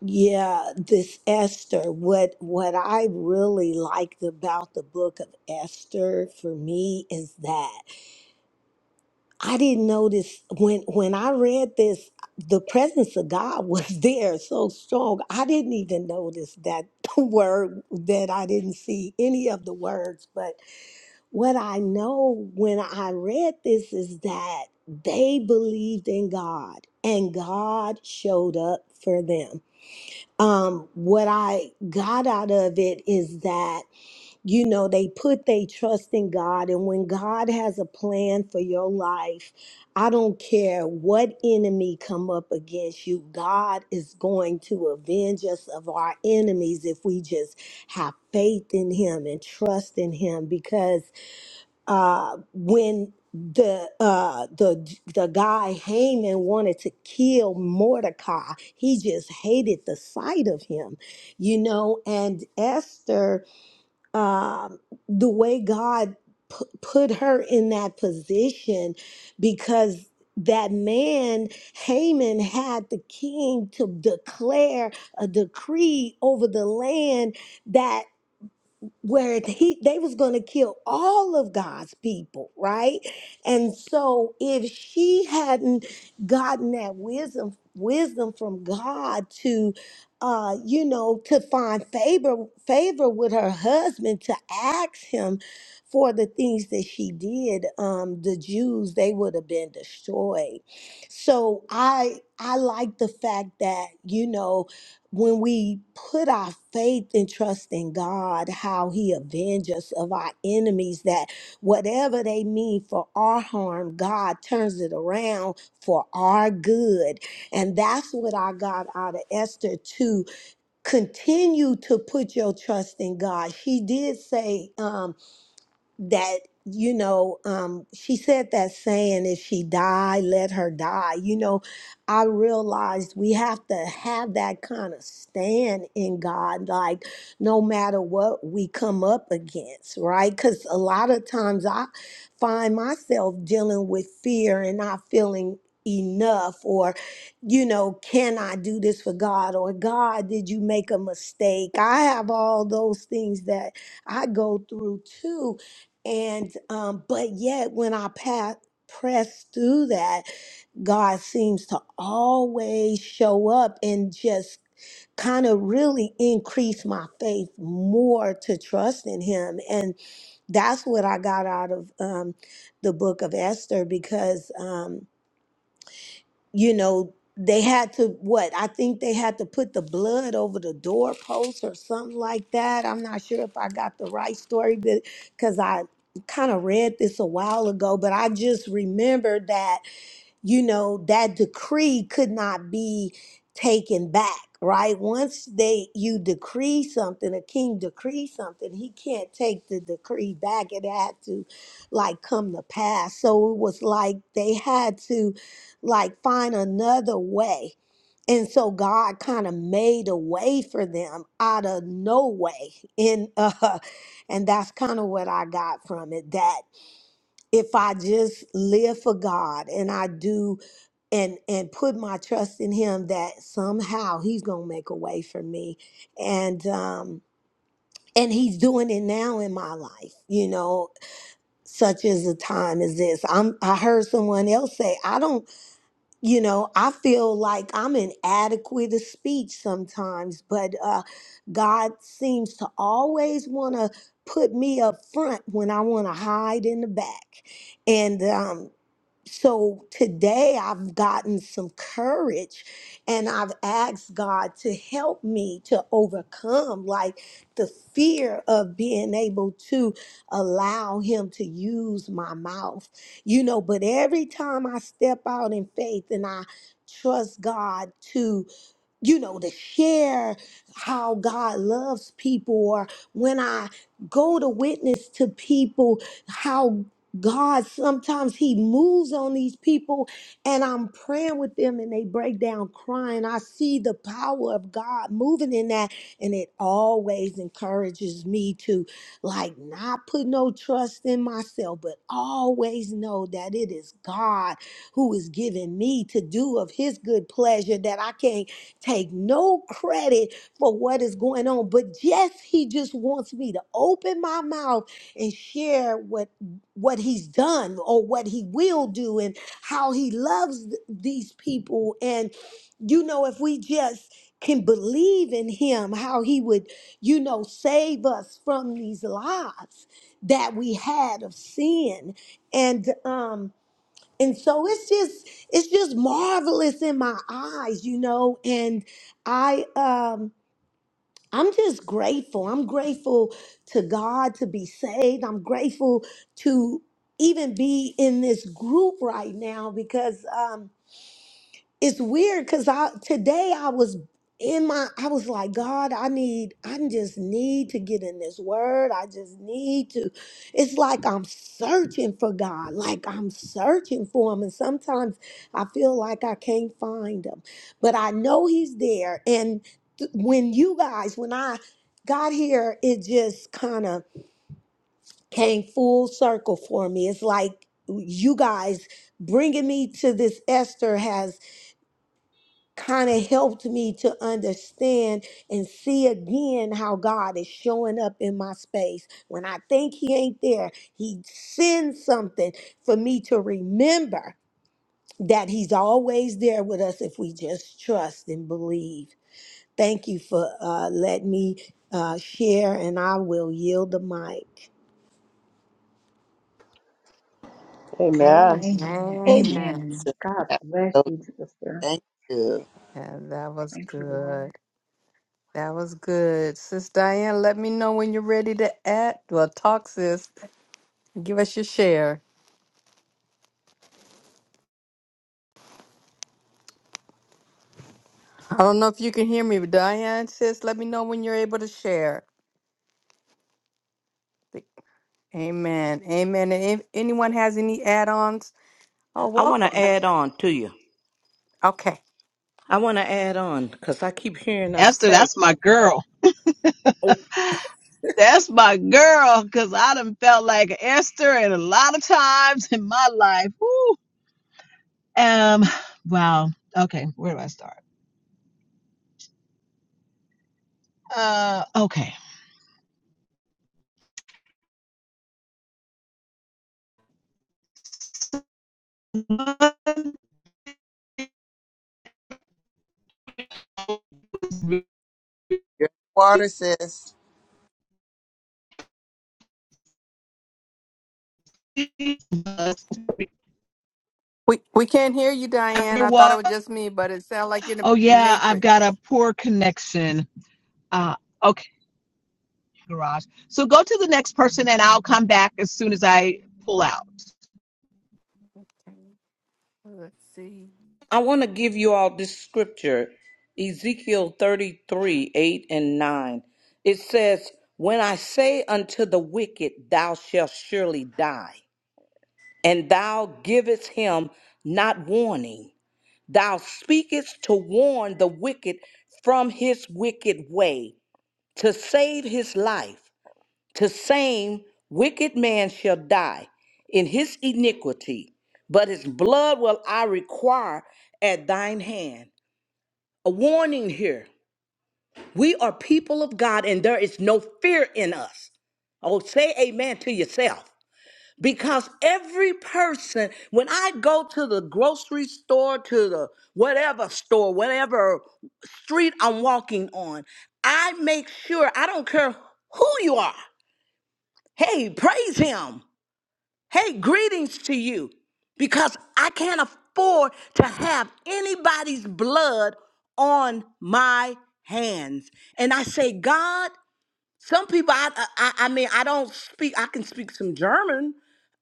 L: yeah, this Esther. What what I really liked about the book of Esther for me is that. I didn't notice when when I read this, the presence of God was there so strong. I didn't even notice that word that I didn't see any of the words. But what I know when I read this is that they believed in God and God showed up for them. Um, what I got out of it is that you know they put their trust in god and when god has a plan for your life i don't care what enemy come up against you god is going to avenge us of our enemies if we just have faith in him and trust in him because uh when the uh the the guy Haman wanted to kill Mordecai. He just hated the sight of him, you know. And Esther, um, the way God pu- put her in that position because that man, Haman, had the king to declare a decree over the land that where he they was going to kill all of God's people, right? And so if she hadn't gotten that wisdom wisdom from God to uh you know to find favor favor with her husband to ask him for the things that she did um the Jews they would have been destroyed. So I I like the fact that you know when we put our faith and trust in God, how He avenges us of our enemies, that whatever they mean for our harm, God turns it around for our good. And that's what I got out of Esther to continue to put your trust in God. She did say, um, that you know um she said that saying if she die let her die you know i realized we have to have that kind of stand in god like no matter what we come up against right because a lot of times i find myself dealing with fear and not feeling enough or you know can i do this for god or god did you make a mistake i have all those things that i go through too and um, but yet when I pass press through that, God seems to always show up and just kind of really increase my faith more to trust in him and that's what i got out of um, the book of esther because um, you know, they had to what? I think they had to put the blood over the doorpost or something like that. I'm not sure if I got the right story, but because I kind of read this a while ago, but I just remember that you know, that decree could not be taken back, right? Once they you decree something, a king decrees something, he can't take the decree back. It had to like come to pass. So it was like they had to like find another way. And so God kind of made a way for them out of no way. And uh and that's kind of what I got from it that if I just live for God and I do and and put my trust in him that somehow he's gonna make a way for me and um and he's doing it now in my life you know such as a time as this i'm i heard someone else say i don't you know i feel like i'm inadequate of speech sometimes but uh god seems to always want to put me up front when i want to hide in the back and um so today I've gotten some courage and I've asked God to help me to overcome like the fear of being able to allow him to use my mouth. You know, but every time I step out in faith and I trust God to you know, to share how God loves people, or when I go to witness to people, how God sometimes He moves on these people, and I'm praying with them and they break down crying. I see the power of God moving in that, and it always encourages me to like not put no trust in myself, but always know that it is God who is giving me to do of His good pleasure that I can't take no credit for what is going on. But yes, he just wants me to open my mouth and share what what he's done or what he will do and how he loves th- these people. And you know, if we just can believe in him, how he would, you know, save us from these lives that we had of sin. And um and so it's just it's just marvelous in my eyes you know and i um i'm just grateful i'm grateful to god to be saved i'm grateful to even be in this group right now because um, it's weird because I today I was in my I was like, God, I need, I just need to get in this word. I just need to. It's like I'm searching for God, like I'm searching for him. And sometimes I feel like I can't find him. But I know he's there. And th- when you guys, when I got here, it just kind of came full circle for me. It's like you guys bringing me to this Esther has kind of helped me to understand and see again how God is showing up in my space. When I think He ain't there, He sends something for me to remember that He's always there with us if we just trust and believe. Thank you for uh, letting me uh, share, and I will yield the mic.
A: Amen.
F: Amen.
J: Amen.
B: Amen.
J: Amen. God
B: That was
J: bless
B: so good.
J: you, sister.
B: Thank you.
A: Yeah, that was
J: Thank you, Lord.
A: good. That was good. Sis Diane, let me know when you're ready to add. Well, talk, sis. Give us your share. I don't know if you can hear me, but Diane, sis, let me know when you're able to share. Amen. Amen. And if anyone has any add-ons, oh,
C: I want to
A: welcome.
C: add on to you.
A: Okay.
C: I want to add on because I keep hearing us
K: Esther,
C: say,
K: that's my girl. That's my girl, because I done felt like Esther and a lot of times in my life. Woo. Um, wow. Okay, where do I start? Uh, okay.
B: Your water, sis.
A: We we can't hear you, Diane. I thought it
K: Underwater.
A: was just me, but it sounded like you're in
K: Oh
A: the
K: yeah, I've got a
A: matrix.
K: poor connection. Uh, okay, garage. So go to the next person, and I'll come back as soon as I pull out.
A: Let's see.
C: I want to give you all this scripture, Ezekiel 33 8 and 9. It says, When I say unto the wicked, Thou shalt surely die, and thou givest him not warning, thou speakest to warn the wicked from his wicked way, to save his life, the same wicked man shall die in his iniquity, but his blood will I require at thine hand a warning here. We are people of God and there is no fear in us. Oh, say amen to yourself. Because every person, when I go to the grocery store, to the whatever store, whatever street I'm walking on, I make sure, I don't care who you are. Hey, praise Him. Hey, greetings to you because I can't afford to have anybody's blood on my hands. And I say, God, some people, I, I, I mean, I don't speak, I can speak some German.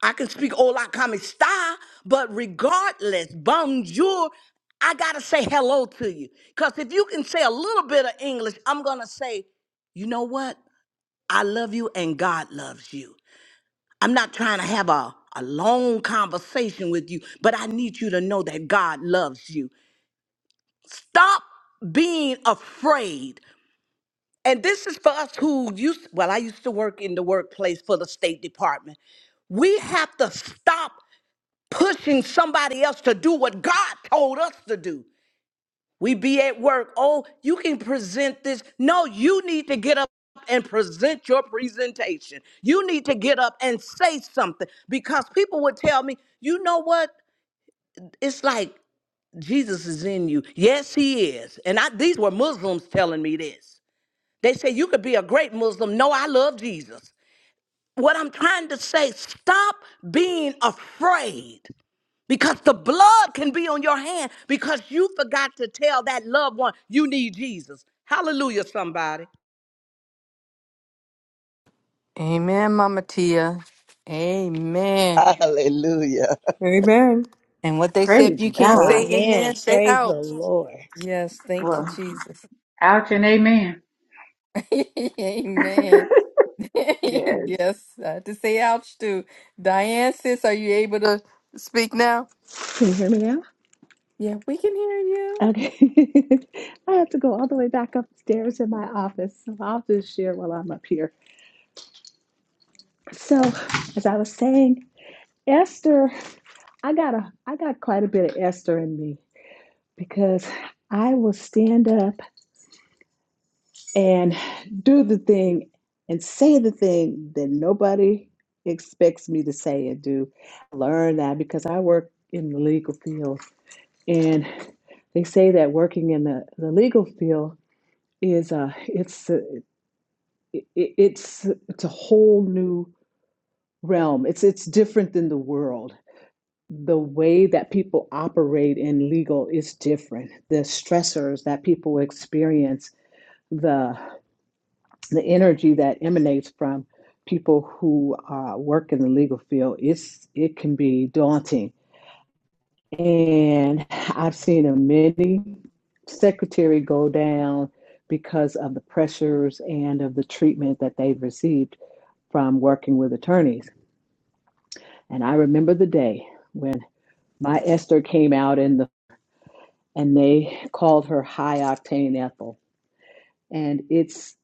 C: I can speak Ola Kami style, but regardless, bonjour, I gotta say hello to you. Because if you can say a little bit of English, I'm gonna say, you know what? I love you and God loves you. I'm not trying to have a, a long conversation with you, but I need you to know that God loves you. Stop being afraid. And this is for us who used, well, I used to work in the workplace for the State Department. We have to stop pushing somebody else to do what God told us to do. We be at work. Oh, you can present this. No, you need to get up and present your presentation. You need to get up and say something because people would tell me, you know what? It's like Jesus is in you. Yes, he is. And I, these were Muslims telling me this. They say, you could be a great Muslim. No, I love Jesus. What I'm trying to say, stop being afraid because the blood can be on your hand because you forgot to tell that loved one you need Jesus. Hallelujah, somebody.
A: Amen, Mama Tia. Amen.
B: Hallelujah.
M: Amen.
A: And what they say,
J: Praise
A: if you
B: Praise
A: can't
B: God.
A: say
J: God.
L: Amen.
A: amen, say
L: Praise the
A: out.
L: Lord.
A: Yes, thank you,
J: Well,
A: Jesus.
J: ouch and amen.
A: amen.
J: Yes.
A: yes, I had to say ouch too. Diane, sis, are you able to speak now?
K: Can you hear me now?
A: Yeah, we can hear you.
K: Okay. I have to go all the way back upstairs in my office. So I'll just share while I'm up here. So, as I was saying, Esther. I got a I got quite a bit of Esther in me because I will stand up and do the thing and say the thing that nobody expects me to say and do. Learn that because I work in the legal field and they say that working in the, the legal field is uh it's a, it, it's it's a whole new realm. It's it's different than the world the way that people operate in legal is different. The stressors that people experience, the the energy that emanates from people who uh, work in the legal field, it's it can be daunting. And I've seen a many secretary go down because of the pressures and of the treatment that they've received from working with attorneys. And I remember the day when my Esther came out in the and they called her High Octane Ethel. And it's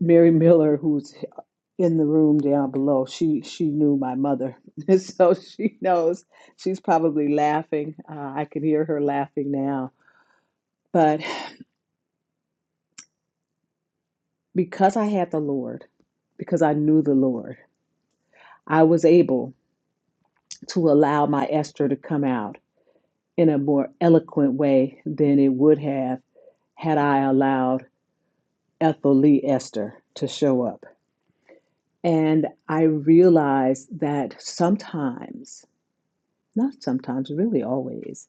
K: Mary Miller who's in the room down below. She she knew my mother, so she knows. She's probably laughing. Uh, I can hear her laughing now. But because I had the Lord, because I knew the Lord, I was able to allow my Esther to come out in a more eloquent way than it would have had I allowed Ethel Lee Esther to show up. And I realized that sometimes, not sometimes, really always,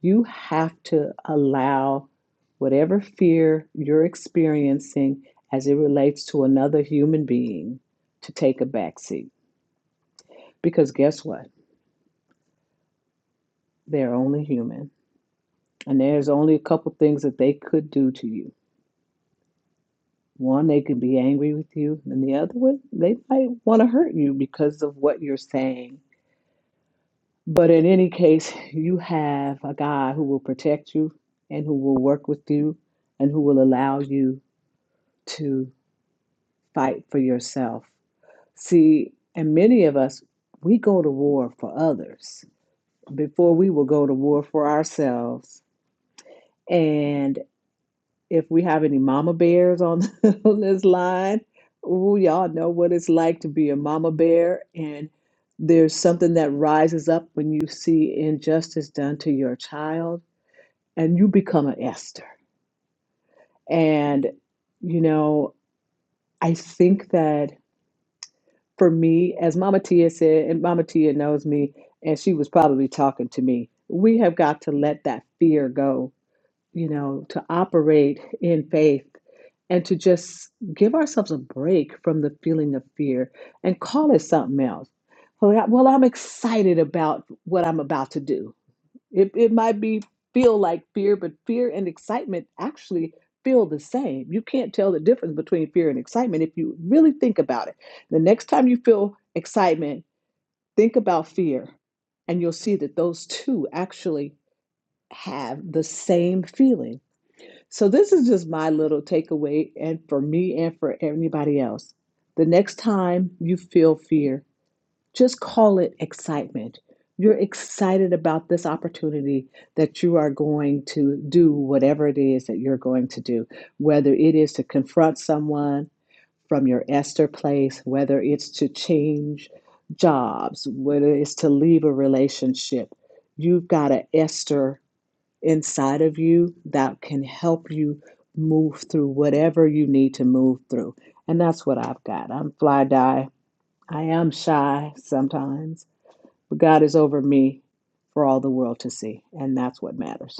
K: you have to allow whatever fear you're experiencing as it relates to another human being to take a backseat. Because guess what? They're only human. And there's only a couple things that they could do to you. One, they could be angry with you, and the other one, they might want to hurt you because of what you're saying But in any case, you have a God who will protect you and who will work with you and who will allow you to fight for yourself. See, and many of us, we go to war for others before we will go to war for ourselves. And if we have any mama bears on, on this line, ooh, y'all know what it's like to be a mama bear. And there's something that rises up when you see injustice done to your child and you become an Esther. And, you know, I think that for me, as Mama Tia said, and Mama Tia knows me, and she was probably talking to me, we have got to let that fear go, you know, to operate in faith and to just give ourselves a break from the feeling of fear and call it something else. Well, I- well, I'm excited about what I'm about to do. It it might be feel like fear, but fear and excitement actually feel the same. You can't tell the difference between fear and excitement if you really think about it. The next time you feel excitement, think about fear, and you'll see that those two actually have the same feeling. So this is just my little takeaway and for me and for anybody else. The next time you feel fear, just call it excitement. You're excited about this opportunity that you are going to do whatever it is that you're going to do, whether it is to confront someone from your Esther place, whether it's to change jobs, whether it's to leave a relationship. You've got an Esther inside of you that can help you move through whatever you need to move through. And that's what I've got. I'm fly die. I am shy sometimes but God is over me for all the world to see, and that's what matters.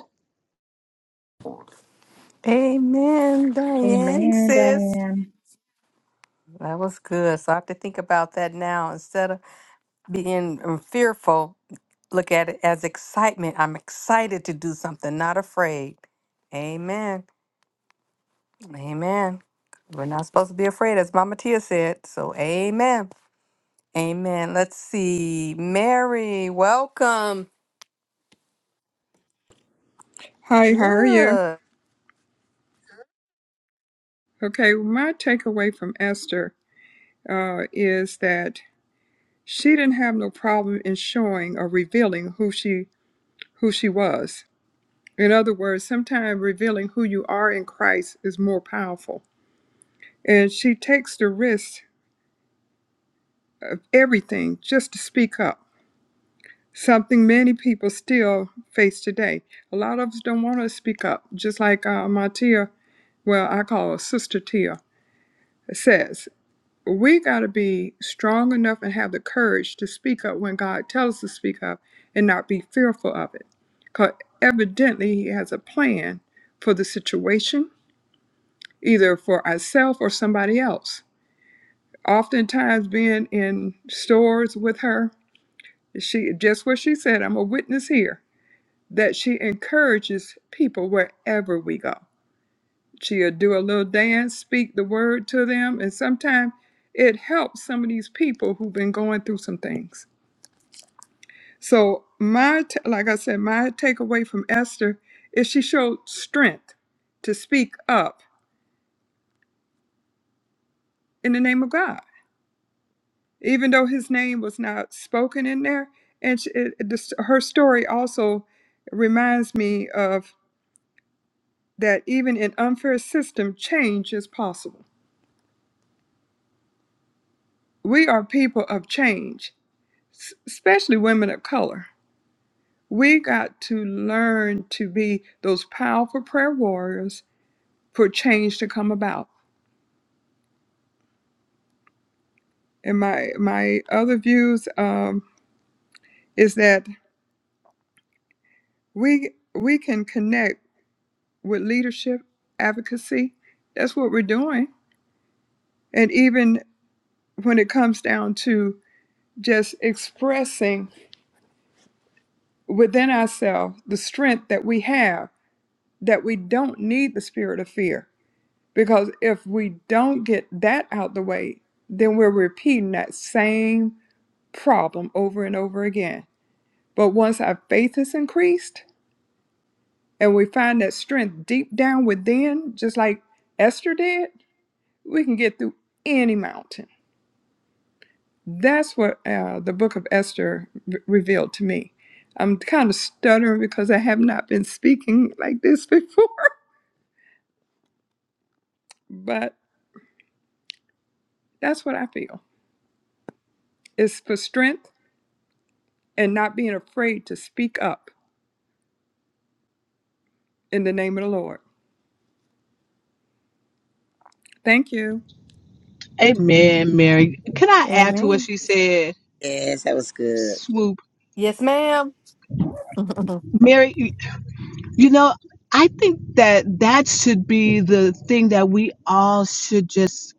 A: Amen, Diane,
J: Amen,
A: sis.
J: Diane.
A: That was good. So I have to think about that now. Instead of being um, fearful, look at it as excitement. I'm excited to do something, not afraid. Amen. Amen. We're not supposed to be afraid, as Mama Tia said. So, amen. Amen. Let's see. Mary, welcome.
M: Hi, how are you?
A: Good.
M: Okay, well, my takeaway from Esther uh, is that she didn't have no problem in showing or revealing who she who she was. In other words, sometimes revealing who you are in Christ is more powerful. And she takes the risk of everything just to speak up. Something many people still face today. A lot of us don't want to speak up, just like uh, my Tia, well, I call her Sister Tia, says. we got to be strong enough and have the courage to speak up when God tells us to speak up and not be fearful of it. Because evidently, He has a plan for the situation, either for ourselves or somebody else. Oftentimes, being in stores with her, she just what she said, I'm a witness here, that she encourages people wherever we go She'll do a little dance, speak the word to them, and sometimes it helps some of these people who've been going through some things. So my, t- like I said, my takeaway from Esther is she showed strength to speak up in the name of God, even though His name was not spoken in there. And she, it, it- this, her story also reminds me of that even in unfair system, change is possible. We are people of change, s- especially women of color We got to learn to be those powerful prayer warriors for change to come about. And my my other views um, is that we we can connect with leadership advocacy. That's what we're doing. And even when it comes down to just expressing within ourselves the strength that we have, that we don't need the spirit of fear Because if we don't get that out the way, then we're repeating that same problem over and over again. But once our faith is increased and we find that strength deep down within, just like Esther did, we can get through any mountain. That's what uh, the book of Esther re- revealed to me. I'm kind of stuttering because I have not been speaking like this before, but that's what I feel. It's for strength and not being afraid to speak up in the name of the Lord. Thank you.
K: Amen, Mary. Can I add to what
E: Amen.
K: she said?
B: Yes, that was good.
K: Swoop.
A: Yes, ma'am.
K: Mary, you you know, I think that that should be the thing that we all should just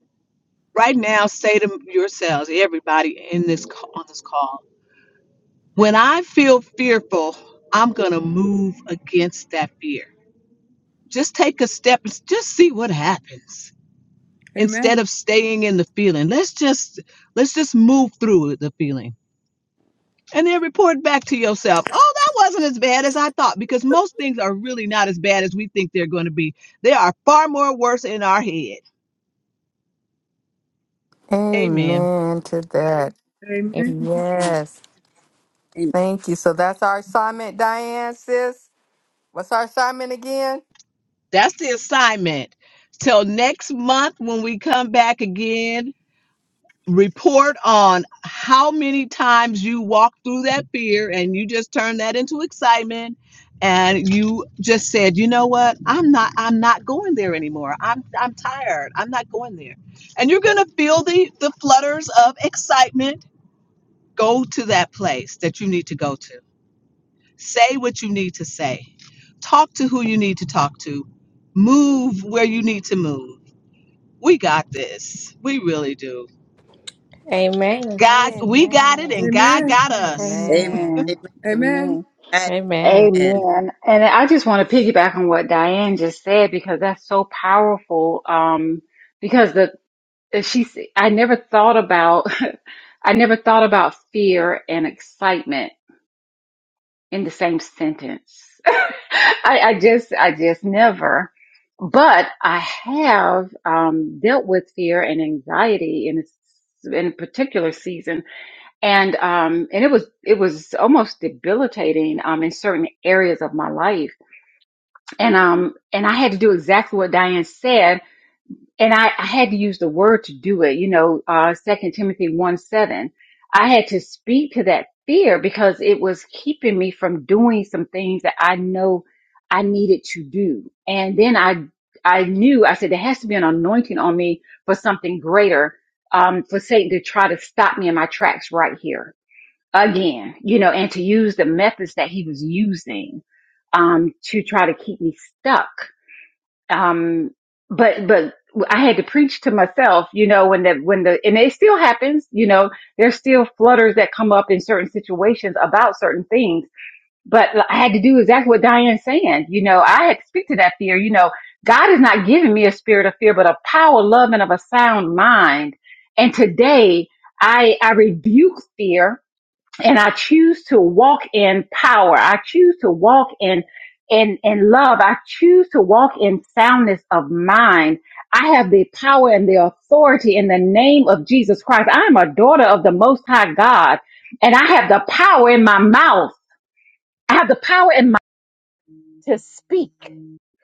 K: right now say to yourselves, everybody in this ca- on this call. When I feel fearful, I'm going to move against that fear. Just take a step and s- just see what happens. instead
M: Amen.
K: of staying in the feeling. Let's just let's just move through the feeling and then report back to yourself. Oh, that wasn't as bad as I thought because most things are really not as bad as we think they're going to be. They are far more worse in our head. Amen.
A: amen to that.
M: Amen.
A: Yes.
B: Amen.
A: Thank you. So that's our assignment, Diane, sis. What's our assignment again?
K: That's the assignment. Till next month when we come back again report on how many times you walked through that fear and you just turned that into excitement and you just said you know what i'm not i'm not going there anymore i'm i'm tired i'm not going there and you're going to feel the the flutters of excitement go to that place that you need to go to say what you need to say talk to who you need to talk to move where you need to move we got this we really do
E: Amen.
K: God, we got it
A: Amen.
K: and God
M: Amen.
K: got us.
B: Amen.
A: Amen.
J: Amen. Amen.
M: Amen.
B: Amen.
E: Amen.
B: Amen.
J: Amen. And I just want to piggyback on what Diane just said because that's so powerful. Um, because the uh, she, s- I never thought about, I never thought about fear and excitement in the same sentence. I, I just, I just never. But I have um, dealt with fear and anxiety in a, s- in a particular season, and um, and it was it was almost debilitating um, in certain areas of my life and um and I had to do exactly what Diane said, and I, I had to use the word to do it. You know, uh, Second Timothy one seven. I had to speak to that fear because it was keeping me from doing some things that I know I needed to do. And then I I knew I said there has to be an anointing on me for something greater, um, for Satan to try to stop me in my tracks right here again. You know, and to use the methods that he was using um, to try to keep me stuck um but but I had to preach to myself, you know, when the when the and it still happens, you know, there's still flutters that come up in certain situations about certain things. But I had to do exactly what Diane's saying, you know, I had to speak to that fear, you know, God is not giving me a spirit of fear, but of power, love, and of a sound mind. And today I I rebuke fear and I choose to walk in power. I choose to walk in in in love. I choose to walk in soundness of mind. I have the power and the authority in the name of Jesus Christ. I am a daughter of the Most High God, and I have the power in my mouth. I have the power in my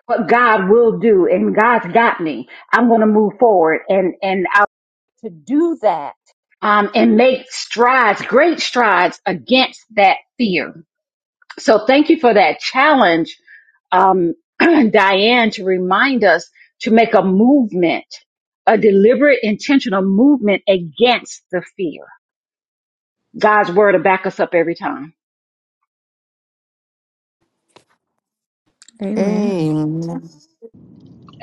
J: what God will do, and God's got me. I'm going to move forward and and I, um and make strides, great strides against that fear So thank you for that challenge, um, Diane, to remind us to make a movement, a deliberate, intentional movement against the fear. God's word will back us up every time.
A: Amen.
E: Amen.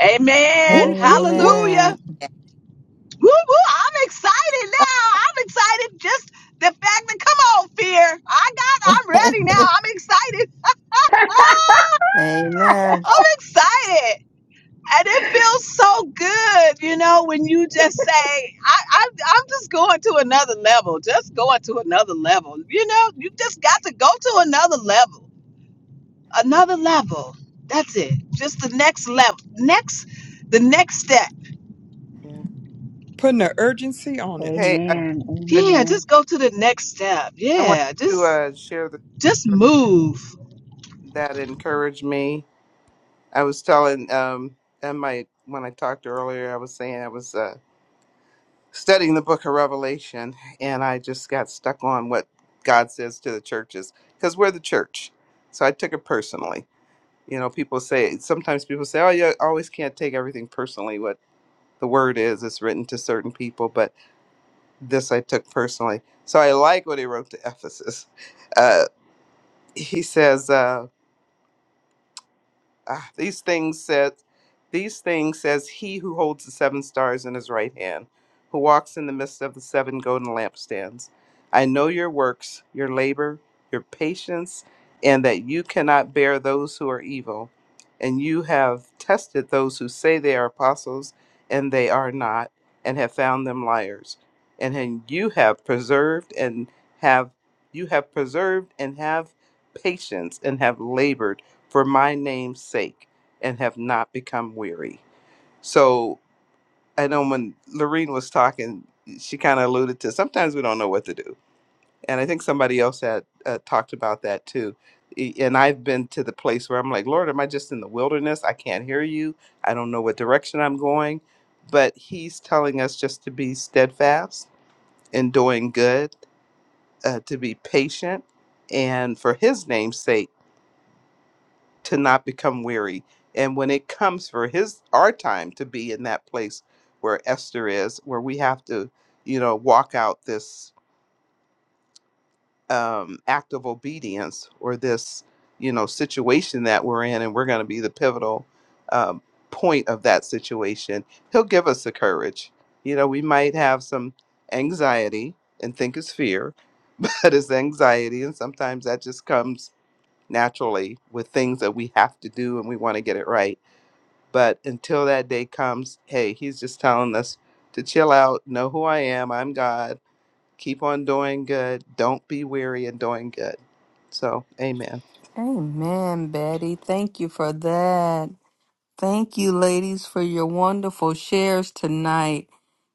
K: Amen.
C: Whoop, whoop,
B: Good.
C: whoop.
K: Hallelujah.
A: Amen.
K: Woo, woo, I'm excited now. I'm excited. Just the fact that, come on, fear. I got, I'm ready now. I'm excited.
A: Amen.
K: I'm excited. And it feels so good, you know, when you just say, I, I, I'm just going to another level, just going to another level. You know, you just got to go to another level. another level. That's it. Just the next level. Next the next step.
F: Amen.
M: Putting an urgency on it.
F: Hey, I,
J: Amen.
F: I,
K: Yeah,
J: Amen.
K: just go to the next step.
F: I wanted
K: Yeah,
F: to
K: just
F: uh, share the
K: just
F: scripture
K: move.
F: that encouraged me. I was telling um and my when I talked earlier, I was saying I was uh, studying the book of Revelation, and I just got stuck on what God says to the churches because we're the church. So I took it personally. You know, people say, sometimes people say, oh, you always can't take everything personally, what the word is, it's written to certain people, but this I took personally. So I like what he wrote to Ephesus. Uh, he says, uh, ah, these things said, these things says he who holds the seven stars in his right hand who walks in the midst of the seven golden lampstands i know your works your labor your patience and that you cannot bear those who are evil and you have tested those who say they are apostles and they are not and have found them liars and then you have preserved and have you have preserved and have patience and have labored for my name's sake and have not become weary. So I know when Lorene was talking, she kind of alluded to sometimes we don't know what to do. And I think somebody else had uh, talked about that too. E- And I've been to the place where I'm like, Lord, am I just in the wilderness? I can't hear you. I don't know what direction I'm going. But He's telling us just to be steadfast in doing good, uh, to be patient, and for His name's sake to not become weary. And when it comes for his our time to be in that place where Esther is, where we have to, you know, walk out this um, act of obedience or this, you know, situation that we're in, and we're going to be the pivotal um, point of that situation. He'll give us the courage. You know, we might have some anxiety and think it's fear, but it's anxiety, and sometimes that just comes naturally with things that we have to do and we want to get it right but until that day comes, hey, he's just telling us to chill out, know who I am, I'm God, keep on doing good, don't be weary in doing good. So, amen.
A: Amen, Betty. Thank you for that. Thank you, ladies, for your wonderful shares tonight.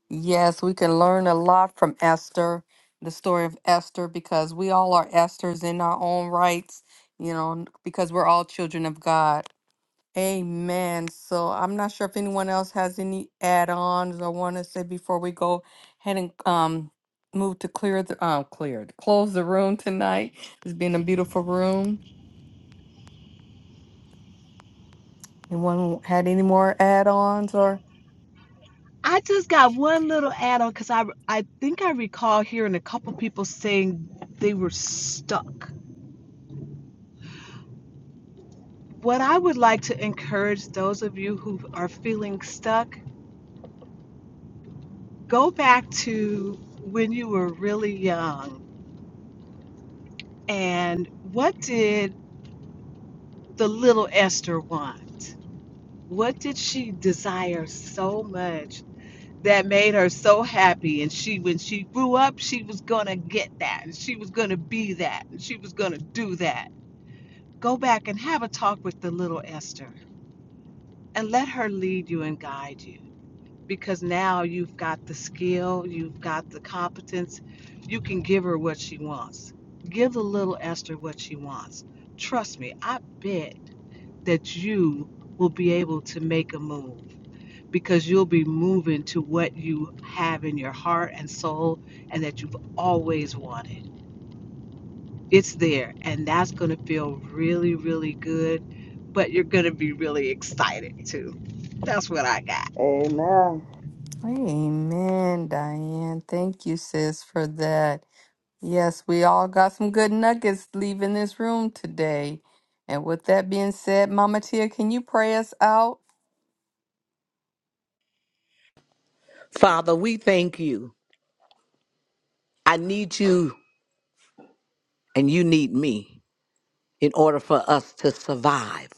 A: Yes, we can learn a lot from Esther, the story of Esther, because we all are Esther's in our own rights, you know, because we're all children of God. Amen. So I'm not sure if anyone else has any add-ons I want to say before we go ahead and um move to clear the um clear close the room tonight. It's been a beautiful room. Anyone had any more add-ons or
K: I just got one little add on cuz I I think I recall hearing a couple people saying they were stuck. What I would like to encourage those of you who are feeling stuck, go back to when you were really young and what did the little Esther want? What did she desire so much that made her so happy? And she, when she grew up, she was going to get that. And she was going to be that. And she was going to do that. Go back and have a talk with the little Esther and let her lead you and guide you. Because now you've got the skill, you've got the competence. You can give her what she wants. Give the little Esther what she wants. Trust me, I bet that you will be able to make a move because you'll be moving to what you have in your heart and soul and that you've always wanted. It's there, and that's going to feel really, really good, but you're going to be really excited too. That's what I got.
F: Amen.
A: Amen, Diane. Thank you, sis, for that. Yes, we all got some good nuggets leaving this room today. And with that being said, Mama Tia, can you pray us out?
C: Father, we thank you. I need you and you need me in order for us to survive.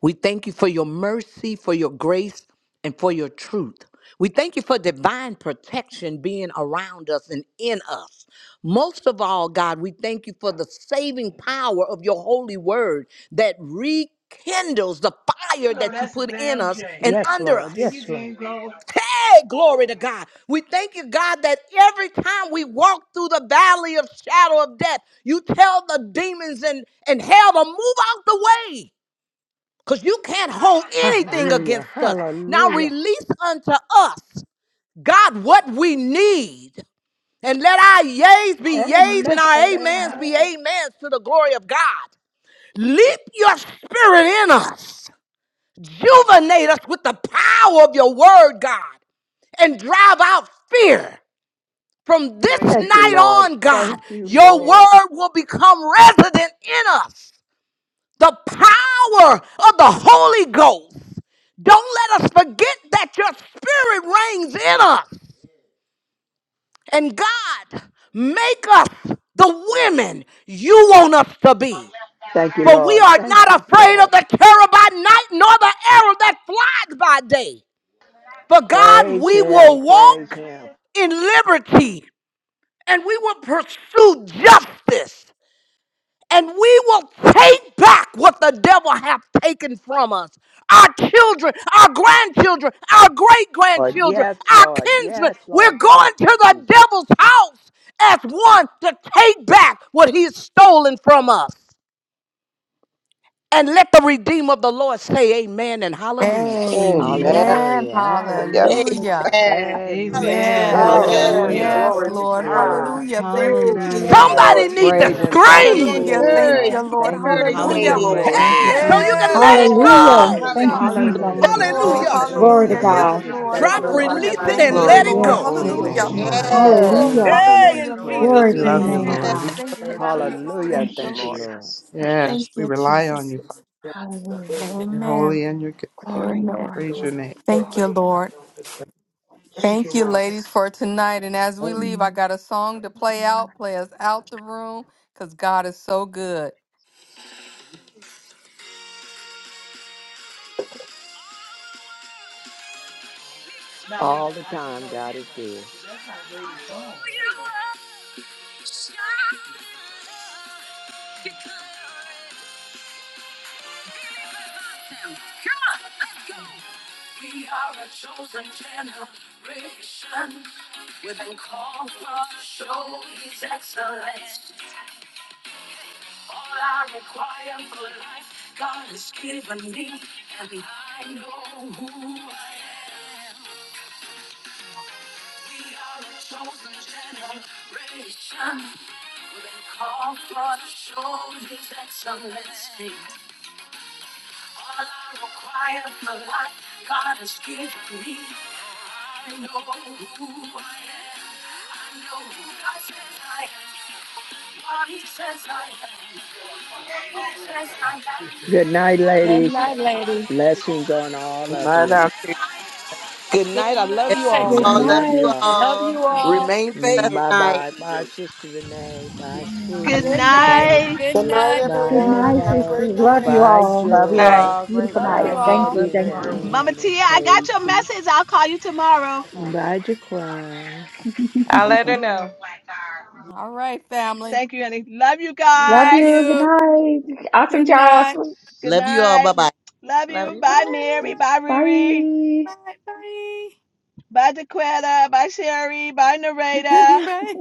C: We thank you for your mercy, for your grace, and for your truth. We thank you for divine protection being around us and in us. Most of all, God, we thank you for the saving power of your holy word that rekindles the fire
H: Hello,
C: that you
H: that's a
C: put in
H: damn
C: us
H: shame.
C: and
H: Yes,
C: under
H: Lord. Yes,
C: us.
H: Lord.
C: Hey, glory to God. We thank you, God, that every time we walk through the valley of shadow of death, you tell the demons and, and hell to move out the way because you can't hold anything
H: Hallelujah.
C: against us. Now
H: Hallelujah.
C: release unto us, God, what we need, and let our yays be yays and
H: Amen.
C: our amens be
H: Amen.
C: amens to the glory of God. Leap your spirit in us, juvenate us with the power of your word, God, and drive out fear. From this
H: Thank you,
C: night
H: Lord.
C: on,
H: Thank
C: God,
H: you,
C: your
H: Lord.
C: word will become resident in us the power of the Holy Ghost. Don't let us forget that your spirit reigns in us. And God, make us the women you want us to be.
H: Thank you,
C: For we
H: Lord.
C: are
H: Thank
C: not
H: you,
C: afraid of
H: Lord.
C: the terror by night, nor the arrow that flies by day. For God,
H: Praise
C: we
H: Him.
C: will
H: Praise
C: walk
H: Him.
C: in liberty and we will pursue justice and we will take back what the devil have taken from us. Our children, our grandchildren, our great
H: Lord,
C: grandchildren,
H: yes,
C: our
H: Lord.
C: kinsmen.
H: Yes, Lord.
C: We're
H: Thank
C: going to
H: you,
C: the
H: Jesus.
C: devil's house as one to take back what he has stolen from us. And let the Redeemer of the Lord say amen and hallelujah.
F: Amen.
A: Amen.
H: Hallelujah.
F: and Hallelujah.
H: Hallelujah.
A: Hallelujah.
B: Amen.
H: Yeah, Amen.
K: Amen.
H: man. I,
B: Hallelujah.
A: Yes,
I: Amen.
H: Hallelujah.
B: Amen.
F: Hallelujah.
K: Hallelujah.
A: yes,
I: Glory to
F: Thank you,
H: I
A: Lord.
H: listen.
F: Lord.
H: We
I: God.
A: Hallelujah.
H: didn't
A: Thank you,
B: Woo,
H: recognize it.
F: Lift
I: Thank
H: He
I: you,
F: up
A: Jesus.
H: didn't.
K: Hallelujah.
H: re-
C: Somebody
I: Lord
B: Yes.
H: He didn't
C: need to
H: Praise realize
I: Jesus.
H: him. he
F: our
H: had Thank the you
B: Be
H: for boat
C: scream.
A: Hallelujah.
H: that when he word. was in
A: Thank
I: Hallelujah.
A: you,
B: encouraged.
H: Yakima.
B: Be
A: Lord.
H: Thank
K: Mm,
H: him,
B: encouraged,
I: Thank
H: Jesus.
I: you,
A: Hallelujah.
B: ladies.
K: hallelujah.
F: hands,
H: Praise when
I: Lord.
H: we
K: Thank you,
H: his
F: Lord.
C: Hey,
H: stopped,
C: so
H: name. when
C: you
H: we
C: can
I: Woo,
H: Praise
A: Yes,
B: Yes.
C: let
H: stopped
K: Jesus.
C: it
H: him. at,
A: Lord.
H: at,
I: Bless your
J: Hallelujah.
H: at
I: name,
H: the
C: go.
H: boy's
I: Jesus.
J: Thank
F: Thank
A: Hallelujah.
J: you,
B: Hallelujah.
H: house
F: you
H: to
F: for
H: Hallelujah
F: your
H: get
J: Jesus.
H: my
I: Thank
H: now.
F: goodness,
K: Hallelujah.
I: You
H: phone,
I: are
A: Oh,
F: Lord.
K: Thank you,
F: Thank
C: Hallelujah.
I: the
F: you
H: Hallelujah.
J: Glory
F: for
J: to
F: your
A: hallelujah.
H: so
I: Lord.
H: he
K: Jesus.
H: I
F: mercy.
H: pulled
A: Yes,
J: God.
H: just out his
A: Lord.
H: thank you,
I: There's
C: Drop,
H: phone Lord.
I: nobody
H: I
A: Hallelujah.
C: release
H: just
C: it,
I: like
H: and he
A: Thank
C: and
H: thank
A: you,
F: Glory
H: you,
C: let
F: to
H: says,
C: it
I: you.
H: Jesus.
A: Lord.
F: your
K: Hallelujah.
J: Yes,
C: go.
I: Thank
F: holy
I: you,
J: Jesus.
K: Thank you,
H: "Oh,"
A: Hallelujah.
H: he
F: name,
J: Thank
H: said,
I: Lord.
H: "Now
J: you.
H: I In
F: Lord.
K: Jesus.
H: can the called my
B: Yes.
H: name of
A: Oh,
H: cousin and
J: Hallelujah.
H: let
K: Hallelujah.
H: Jesus,
C: Hey,
H: him
A: hallelujah,
C: in
H: know
A: Lord.
C: Jesus'
H: praise
J: Glory
F: We
H: that
A: Thank
J: to
H: his
J: your
H: I'm
F: love
A: you,
C: name.
H: in
F: you,
H: name.
K: Hallelujah.
J: name,
H: town."
B: yes.
F: Lord.
A: Jesus.
F: We
J: God.
A: Thank
H: And he
A: you,
H: got on the phone and
A: Jesus.
H: Hallelujah. he said,
A: Thank
J: Thank
A: you,
J: you,
H: Thank you,
A: Lord.
H: Lord.
J: Jesus.
H: "Now
J: Thank you,
F: Yes,
A: Thank
F: we
A: you,
J: Jesus.
F: rely on
A: Jesus.
F: you, Father.
J: Hallelujah.
F: You're
A: Amen.
F: holy and you're good.
J: Glory,
A: Amen.
J: glory,
F: Praise your
J: glory,
F: name.
A: Thank you,
J: glory.
A: Lord.
J: Thank you,
A: Thank you,
J: Jesus.
A: ladies, for tonight. And as we
B: Amen.
A: leave, I
J: Mm,
A: got a song to play out, play us out the room, because God is so good.
H: Lena," All the I said, time, "No, it God ain't is right." I good. said, "That's not Lela's phone, man."
A: We are a chosen generation. We've been called to show His excellence. All I require for life, God has given me, and I know who I am. We are a chosen generation. We've been called for to show His excellency. All I require for life, God has given me. I know who I am. I know who God says I am. What He says I am. Where He says I
H: Good night, ladies.
A: am.
H: Blessings on all
F: We're
H: of
F: not
H: you.
F: out here
C: Good night. I love you
H: Mm,
C: all.
H: I
B: All love
H: love you
B: you
H: all.
B: all.
A: Love you all.
C: Remain
B: Last
C: favored.
H: Bye
B: night.
H: bye. Bye, Sister Renee. Bye,
B: Bye.
K: Good
H: sweet Quayla.
K: night.
I: Good night,
H: Bye,
J: Good
I: everyone.
J: night,
I: Have a
H: Lynette.
J: sister.
I: great
H: Bye,
I: night.
D: Love you
H: Joy.
D: all.
J: Beautiful
A: Love
J: night.
A: you
H: Bye,
J: Thank
A: all.
H: Betty
E: Love
J: you.
H: and
E: you
J: Thank
E: all.
J: you.
K: Mama
H: Diane and
K: Tia, I got your
H: Casey.
K: message. I'll call you tomorrow.
H: Bye, Jaquan.
E: I'll
H: Bye
E: let her
H: bye.
E: know.
A: All right, family.
K: Thank you, honey. Love you
J: Love
A: Love
J: you.
K: guys.
J: Good
A: you.
J: night. Awesome
A: Good
J: job.
A: night.
K: Good
B: Love you all.
K: night.
B: Bye bye.
K: Love
E: Love
K: you.
E: you.
A: Bye
K: Bye,
E: Bye.
K: Mary. Bye, Riri.
J: Bye.
A: bye.
K: Bye, Daquetta. Bye, Sherry. Bye,
A: Bye
K: Nareda.
A: bye. bye.